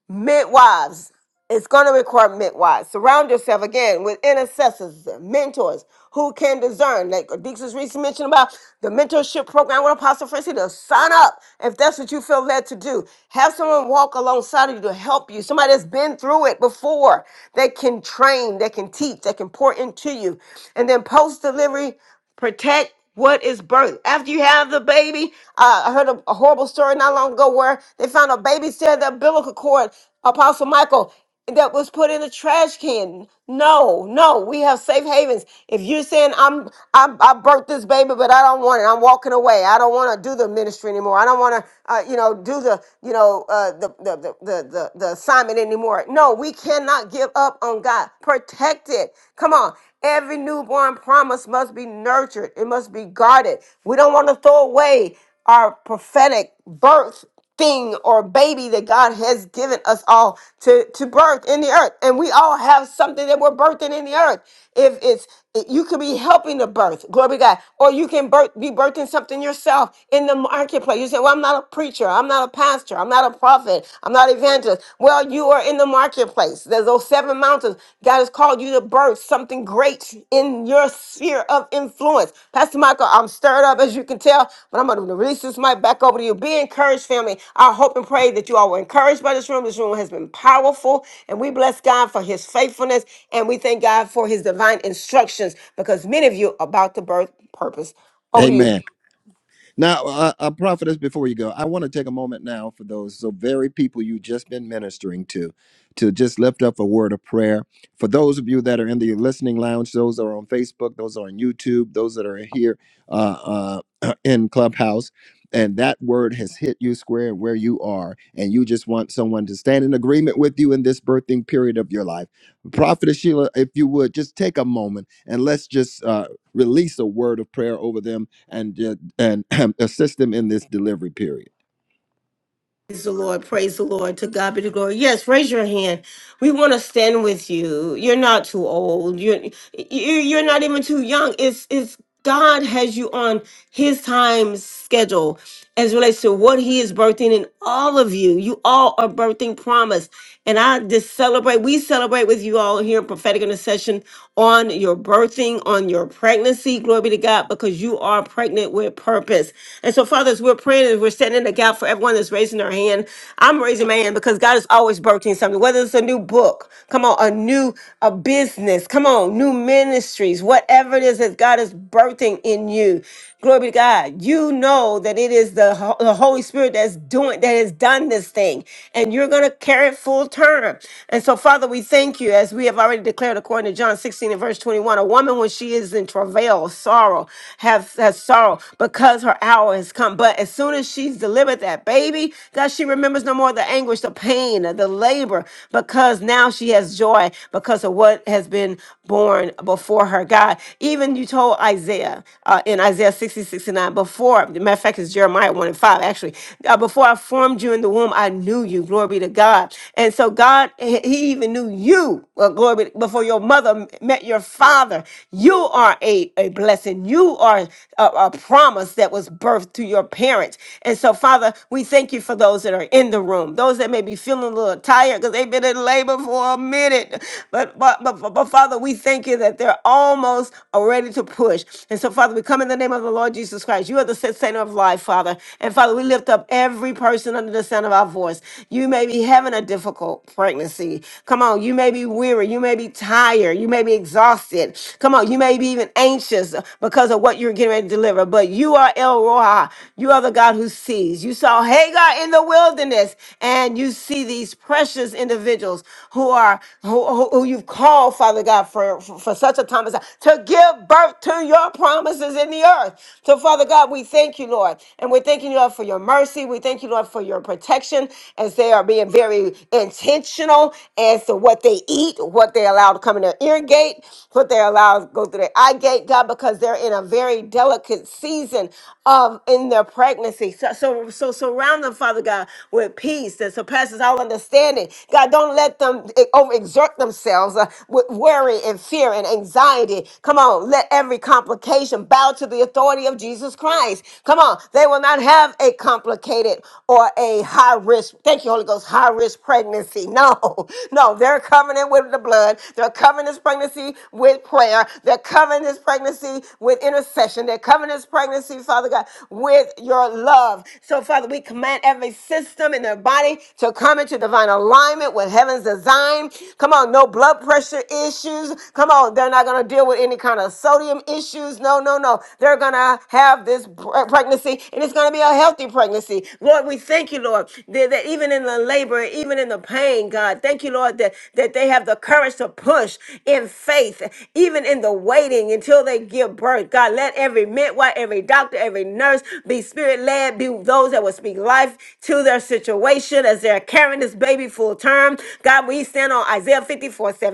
midwives. It's going to require midwives. Surround yourself again with intercessors, mentors who can discern. Like Dixon's recently mentioned about the mentorship program with Apostle Francine, to sign up if that's what you feel led to do. Have someone walk alongside of you to help you. Somebody that's been through it before that can train, that can teach, that can pour into you. And then post delivery, protect what is birth after you have the baby uh, i heard a, a horrible story not long ago where they found a baby said the umbilical cord apostle michael that was put in a trash can. No, no, we have safe havens. If you're saying I'm, I'm I birthed this baby, but I don't want it. I'm walking away. I don't want to do the ministry anymore. I don't want to, uh, you know, do the, you know, uh, the, the, the the the the assignment anymore. No, we cannot give up on God. Protect it. Come on. Every newborn promise must be nurtured. It must be guarded. We don't want to throw away our prophetic birth thing or baby that God has given us all to, to birth in the earth. And we all have something that we're birthing in the earth. If it's you could be helping to birth, glory to God, or you can birth, be birthing something yourself in the marketplace. You say, Well, I'm not a preacher, I'm not a pastor, I'm not a prophet, I'm not evangelist. Well, you are in the marketplace. There's those seven mountains listen, God has called you to birth something great in your sphere of influence. Pastor Michael, I'm stirred up as you can tell, but I'm going to release this mic back over to you. Be encouraged, family. I hope and pray that you all were encouraged by this room. This room has been powerful, and we bless God for his faithfulness, and we thank God for his divine instructions because many of you are about to birth purpose. Over to
Amen.
you.
Now, uh, uh, prophetess, before you go, I want to take a moment now for those so very people you just been ministering to, to just lift up a word of prayer for those of you that are in the listening lounge, those that are on Facebook, those that are on YouTube, those that are here uh, uh, *clears throat* in Clubhouse, and that word has hit you square where you are, and you just want someone to stand in agreement with you in this birthing period of your life. Prophetess Sheila, if you would just take a moment and let's just uh, release a word of prayer over them and and *clears throat* assist them in this delivery period.
Praise the Lord. Praise the Lord. To God be the glory. Yes, raise your hand. We want to stand with you. You're not too old. You're you- you're not even too young. It's it's God has you on His time schedule as relates to what He is birthing in all of you. You all are birthing promise, and I just celebrate. We celebrate with you all here in prophetic intercession on your birthing, on your pregnancy. Glory be to God, because you are pregnant with purpose. And so, fathers, we're praying and we're standing in the gap for everyone that's raising their hand. I'm raising my hand because God is always birthing something, whether it's a new book, come on, a new a business, come on, new ministries, whatever it is that God is birthing in you. Glory be to God. You know that it is the, Ho- the Holy Spirit that's doing, that has done this thing, and you're going to carry it full term. And so, Father, we thank you as we have already declared according to John 16 and verse 21. A woman, when she is in travail, sorrow, have has sorrow because her hour has come. But as soon as she's delivered that baby, God, she remembers no more the anguish, the pain, the labor, because now she has joy because of what has been born before her. God, even you told Isaiah uh, in Isaiah. 60, 69. Before, matter of fact, it's Jeremiah 1 and 5, actually. Uh, before I formed you in the womb, I knew you. Glory be to God. And so God, He He even knew you. Well, glory be, before your mother met your father. You are a, a blessing. You are a, a promise that was birthed to your parents. And so, Father, we thank you for those that are in the room, those that may be feeling a little tired because they've been in labor for a minute. But, but, but, but, but, Father, we thank you that they're almost ready to push. And so, Father, we come in the name of the of the Lord Jesus Christ. You are the sustainer of life, Father. And Father, we lift up every person under the sound of our voice. You may be having a difficult pregnancy. Come on, you may be weary. You may be tired. You may be exhausted. Come on, you may be even anxious because of what you're getting ready to deliver. But you are El Roha. You are the God who sees. You saw Hagar in the wilderness, and you see these precious individuals who are who, who, who you've called, Father God, for, for, for such a time as that, to give birth to your promises in the earth earth. So, Father God, we thank you, Lord. And we're thanking you, Lord, for your mercy. We thank you, Lord, for your protection as they are being very intentional as to what they eat, what they allow to come in their ear gate, what they allow to go through their eye gate, God, because they're in a very delicate season of in their pregnancy. So, so, so surround them, Father God, with peace that surpasses all understanding. God, don't let them eh, overexert themselves uh, with worry and fear and anxiety. Come on, let every complication bow to the authority authority of Jesus Christ. Come on. They will not have a complicated or a high risk, thank you, Holy Ghost, high risk pregnancy. No, *laughs* no. They're covenant with the blood. They're covering this pregnancy with prayer. They're covering this pregnancy with intercession. They're covering this pregnancy, Father God, with your love. So, Father, we command every system in their body to come into divine alignment with heaven's design. Come on, no blood pressure issues. Come on, they're not going to deal with any kind of sodium issues. No, no, no. They're going to gonna have this pr- pregnancy and it's gonna be a healthy pregnancy. Lord, we thank you, Lord, that, that even in the labor, even in the pain, God, thank you, Lord, that, that they have the courage to push in faith, even in the waiting until they give birth. God, let every midwife, every doctor, every nurse be spirit led, be those that will speak life to their situation as they're carrying this baby full term. God, we stand on Isaiah 54 17.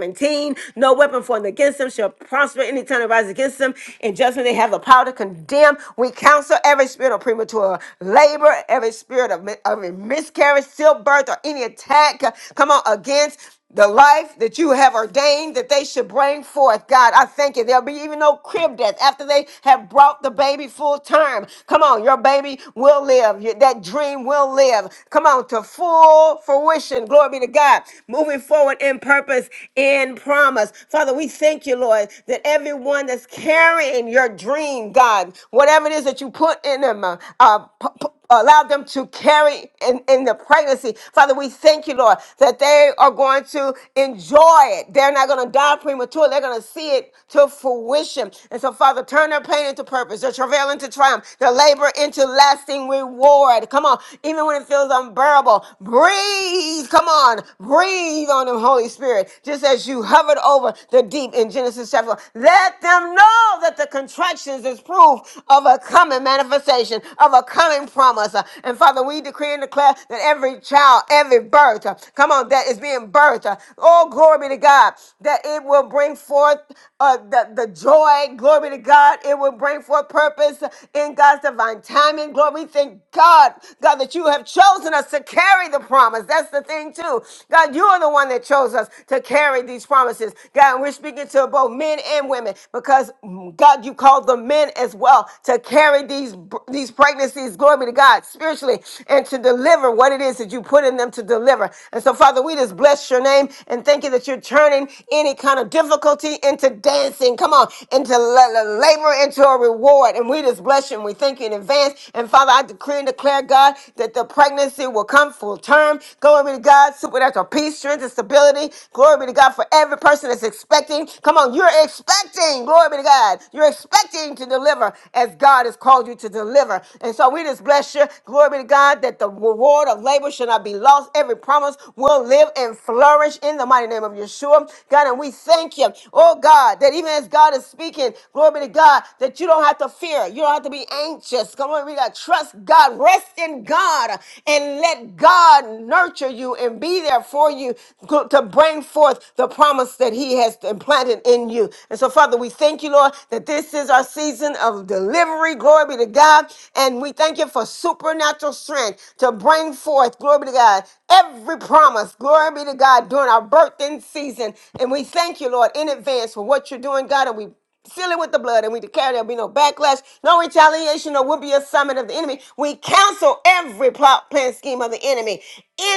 No weapon formed against them shall prosper any time that rises against them. And judgment, they have the power to condemn. We counsel every spirit of premature labor, every spirit of, mi- of a miscarriage, stillbirth, or any attack. uh, Come on, against the life that you have ordained that they should bring forth. God, I thank you. There'll be even no crib death after they have brought the baby full term. Come on, your baby will live. Your- That dream will live. Come on, to full fruition. Glory be to God. Moving forward in purpose, in promise. Father, we thank you, Lord, that everyone that's carrying your dream, God. God, whatever it is that you put in them, uh, uh, p- p- allow them to carry in, in the pregnancy. Father, we thank you, Lord, that they are going to enjoy it. They're not going to die premature. They're going to see it to fruition. And so, Father, turn their pain into purpose, their travail into triumph, their labor into lasting reward. Come on, even when it feels unbearable, breathe. Come on, breathe on them, Holy Spirit, just as you hovered over the deep in Genesis chapter. one. Let them know that the contractions is proof proof of a coming manifestation, of a coming promise. Uh, And Father, we decree and declare that every child, every birth, uh, come on, that is being birthed, uh, oh, glory be to God, that it will bring forth uh, the, the joy, glory be to God, it will bring forth purpose in God's divine timing. Glory, we thank God, God, that you have chosen us to carry the promise. That's the thing, too. God, you are the one that chose us to carry these promises. God, and we're speaking to both men and women because, mm, God, you called them men as well as well to carry these these pregnancies, glory be to God, spiritually, and to deliver what it is that you put in them to deliver. And so, Father, we just bless your name and thank you that you're turning any kind of difficulty into dancing. Come on, into la- la- labor, into a reward. And we just bless you and we thank you in advance. And Father, I decree and declare, God, that the pregnancy will come full term. Glory be to God, supernatural peace, strength, and stability. Glory be to God for every person that's expecting. Come on, you're expecting. Glory be to God. You're expecting to deliver deliver as God has called you to deliver. And so we just bless you. Glory be to God that the reward of labor shall not be lost. Every promise will live and flourish in the mighty name of Yeshua. God, and we thank you, oh God, that even as God is speaking, glory be to God, that you don't have to fear. You don't have to be anxious. Come on, we got to trust God. Rest in God and let God nurture you and be there for you to to bring forth the promise that He has implanted in you. And so, Father, we thank you, Lord, that this is our season of of delivery. Glory be to God. And we thank you for supernatural strength to bring forth, glory be to God, every promise. Glory be to God during our birthing season. And we thank you, Lord, in advance for what you're doing, God. And we Seal it with the blood, and we declare there'll be no backlash, no retaliation, or will be a summit of the enemy. We cancel every plot, plan, scheme of the enemy.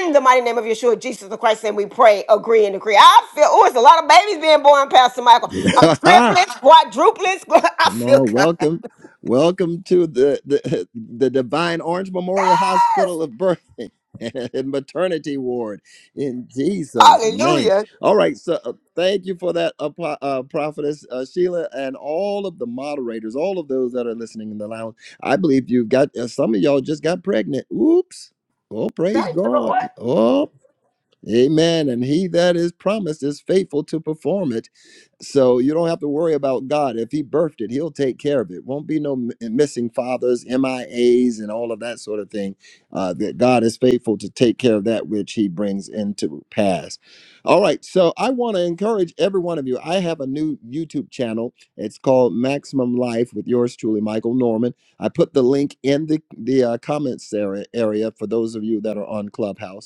In the mighty name of Yeshua, Jesus the Christ, and we pray, agree, and decree. I feel, oh, it's a lot of babies being born, Pastor Michael. Uh,
*laughs*
triplets, quadruplets. *laughs* I
Come
feel
on,
God.
welcome, welcome to the the, *laughs* the Divine Orange Memorial
Yes.
Hospital of Birth *laughs* and Maternity Ward in Jesus' name.
Hallelujah.
All right, so uh, thank you for that, uh, pro- uh, Prophetess uh, Sheila, and all of the moderators, all of those that are listening in the lounge. I believe you've got uh, some of y'all just got pregnant. Oops! Oh, praise
Thank you,
God!
Lord.
Oh. Amen. And he that is promised is faithful to perform it. So you don't have to worry about God. If He birthed it, He'll take care of it. Won't be no m- missing fathers, MIAs, and all of that sort of thing. Uh, that God is faithful to take care of that which He brings into pass. All right. So I want to encourage every one of you. I have a new YouTube channel. It's called Maximum Life with yours truly, Michael Norman. I put the link in the the uh, comments area, area for those of you that are on Clubhouse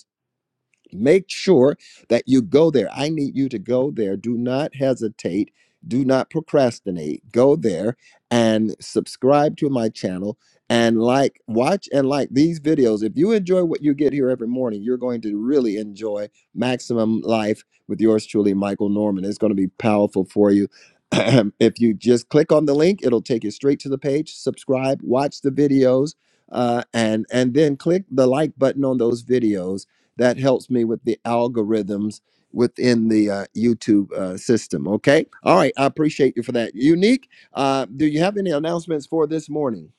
Make sure that you go there. I need you to go there. Do not hesitate. Do not procrastinate. Go there and subscribe to my channel and like, watch and like these videos. If you enjoy what you get here every morning, you're going to really enjoy Maximum Life with yours truly, Michael Norman. It's going to be powerful for you. *clears throat* if you just click on the link, it'll take you straight to the page. Subscribe, watch the videos, uh, and and then click the like button on those videos that helps me with the algorithms within the uh, YouTube uh, system. Okay. All right. I appreciate you for that. Unique, uh, do you have any announcements for this morning?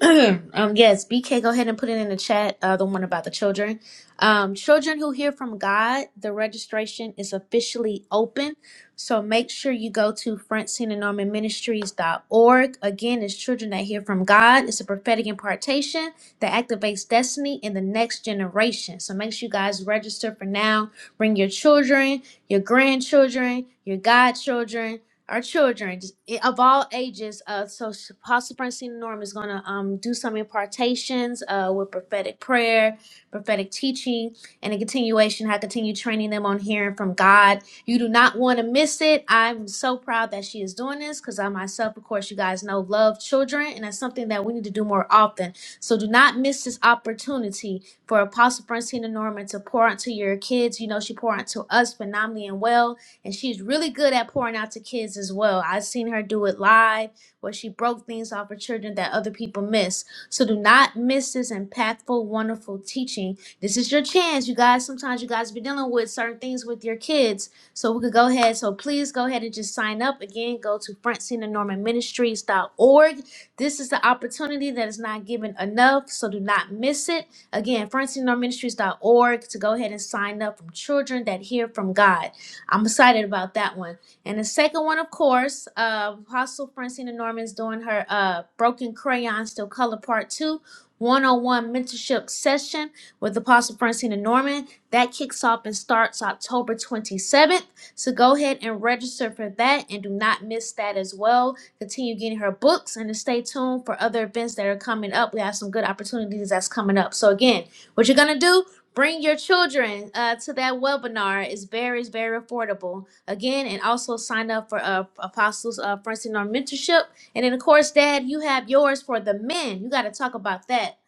*clears throat* um, yes, BK, go ahead and put it in the chat. Uh, the one about the children. Um, children who hear from God, the registration is officially open. So make sure you go to Francine and Norman Ministries.org. Again, it's Children That Hear From God. It's a prophetic impartation that activates destiny in the next generation. So make sure you guys register for now. Bring your children, your grandchildren, your godchildren our children just, i- of all ages. Uh, so sh- Apostle Francina Norm is going to um, do some impartations uh, with prophetic prayer, prophetic teaching, and a continuation. I continue training them on hearing from God. You do not want to miss it. I'm so proud that she is doing this because I myself, of course, you guys know, love children, and that's something that we need to do more often. So do not miss this opportunity for Apostle Francina Norman to pour into your kids. You know, she poured into us phenomenally and well and she's really good at pouring out to kids as well. I've seen her do it live where she broke things off for children that other people miss. So do not miss this impactful, wonderful teaching. This is your chance, you guys. Sometimes you guys be dealing with certain things with your kids. So we could go ahead. So please go ahead and just sign up. Again, go to Francina Norman Ministries.org. This is the opportunity that is not given enough, so do not miss it. Again, FrancineNormanMinistries.org to go ahead and sign up from children that hear from God. I'm excited about that one. And the second one, of course, uh, Apostle Francina Norman's doing her uh, Broken Crayon Still Color Part 2 one-on-one mentorship session with Apostle Francina Norman. That kicks off and starts October 27th. So go ahead and register for that and do not miss that as well continue getting her books and to stay tuned for other events that are coming up. We have some good opportunities that's coming up. So again, what you're gonna do? Bring your children uh, to that webinar. It's very, it's very affordable. Again, and also sign up for uh, Apostles uh, Francine Norm Mentorship. And then, of course, Dad, you have yours for the men. You got to talk about that.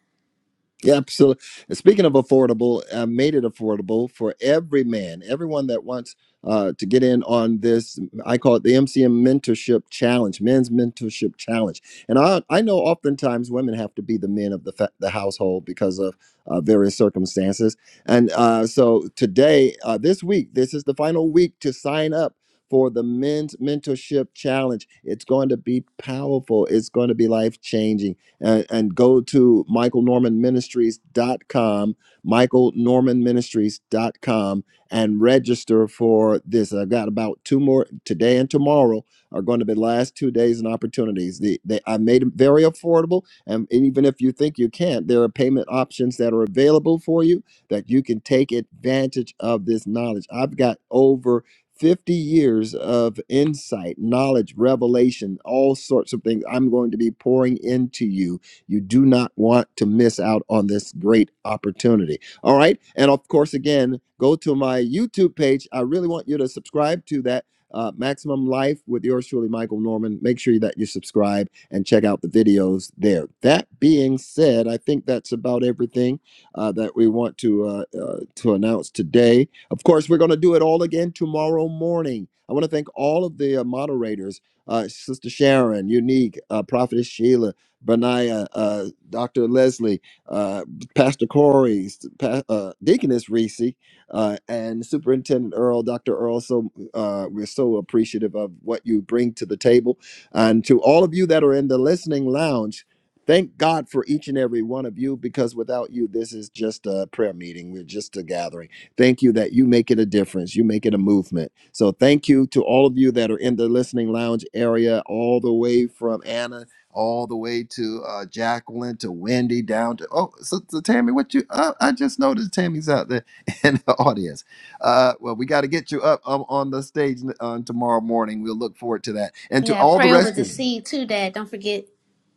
Yeah, absolutely. Speaking of affordable, I made it affordable for every man, everyone that wants uh, to get in on this. I call it the MCM Mentorship Challenge, Men's Mentorship Challenge. And I, I know oftentimes women have to be the men of the, fa- the household because of uh, various circumstances. And uh, so today, uh, this week, this is the final week to sign up. For the men's mentorship challenge, it's going to be powerful. It's going to be life changing and, and go to michael norman ministries dot com, michael norman ministries dot com, and register for this. I've got about two more today and tomorrow are going to be the last two days and opportunities. The, they, I made it very affordable, and even if you think you can't, there are payment options that are available for you that you can take advantage of this knowledge. I've got over 50 years of insight, knowledge, revelation, all sorts of things I'm going to be pouring into you. You do not want to miss out on this great opportunity. All right. And of course, again, go to my YouTube page. I really want you to subscribe to that. Uh, Maximum Life with yours truly, Michael Norman. Make sure that you subscribe and check out the videos there. That being said, I think that's about everything uh, that we want to uh, uh, to announce today. Of course, we're going to do it all again tomorrow morning. I want to thank all of the uh, moderators uh, Sister Sharon, Unique, uh, Prophetess Sheila, Benaiah, uh, Dr. Leslie, uh, Pastor Corey, pa- uh, Deaconess Reese, uh, and Superintendent Earl, Dr. Earl. So uh, we're so appreciative of what you bring to the table. And to all of you that are in the listening lounge, Thank God for each and every one of you because without you, this is just a prayer meeting. We're just a gathering. Thank you that you make it a difference. You make it a movement. So thank you to all of you that are in the listening lounge area, all the way from Anna, all the way to uh, Jacqueline, to Wendy, down to oh, so, so Tammy, what you? Uh, I just noticed Tammy's out there *laughs* in the audience. Uh, well, we got to get you up um, on the stage on tomorrow morning. We'll look forward to that, and
You
to
got to
all the
pray over
rest
the
of you.
seed too, Dad. Don't forget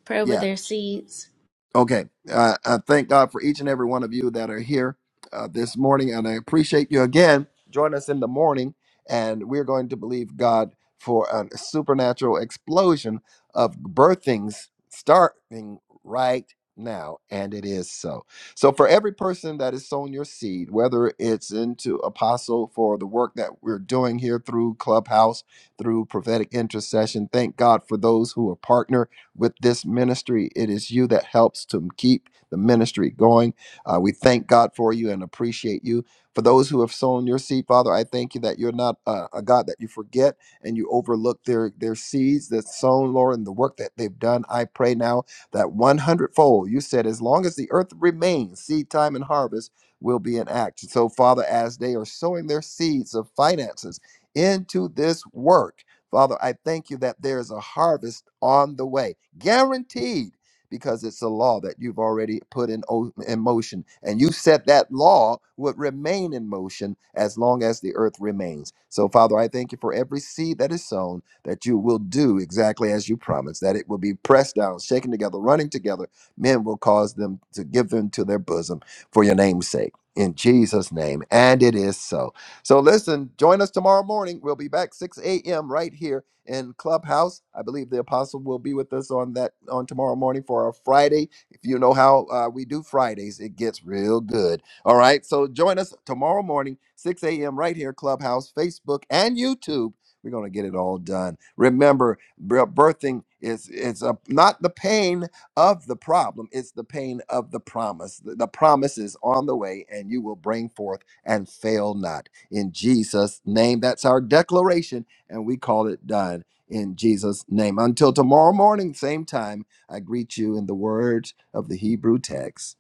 pray
Yeah.
over their seeds.
Okay. Uh, I thank God for each and every one of you that are here uh, this morning, and I appreciate you again. Join us in the morning, and we're going to believe God for a supernatural explosion of birthings starting right now, and it is so. So, for every person that is sown your seed, whether it's into apostle for the work that we're doing here through Clubhouse, through prophetic intercession, thank God for those who are partner with this ministry. It is you that helps to keep the ministry going. Uh, we thank God for you and appreciate you. For those who have sown your seed, Father, I thank you that you're not uh, a God that you forget and you overlook their, their seeds that's sown, Lord, and the work that they've done. I pray now that one hundredfold, you said, as long as the earth remains, seed time and harvest will be in act. So, Father, as they are sowing their seeds of finances into this work, Father, I thank you that there is a harvest on the way guaranteed because it's a law that you've already put in, o- in motion and you said that law would remain in motion as long as the earth remains so father i thank you for every seed that is sown that you will do exactly as you promised that it will be pressed down shaken together running together men will cause them to give them to their bosom for your name's sake in jesus name and it is so so listen join us tomorrow morning we'll be back 6 a.m right here in Clubhouse. I believe the apostle will be with us on that on tomorrow morning for our Friday. If you know how uh, we do Fridays, it gets real good. All right, so join us tomorrow morning, 6 a.m. right here, Clubhouse, Facebook, and YouTube. We're gonna get it all done. Remember, b- birthing is it's a, not the pain of the problem; it's the pain of the promise. The, the promise is on the way, and you will bring forth and fail not in Jesus' name. That's our declaration and we call it done in Jesus' name. Until tomorrow morning, same time, I greet you in the words of the Hebrew text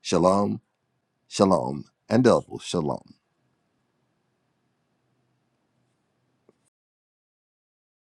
Shalom, Shalom, and double Shalom.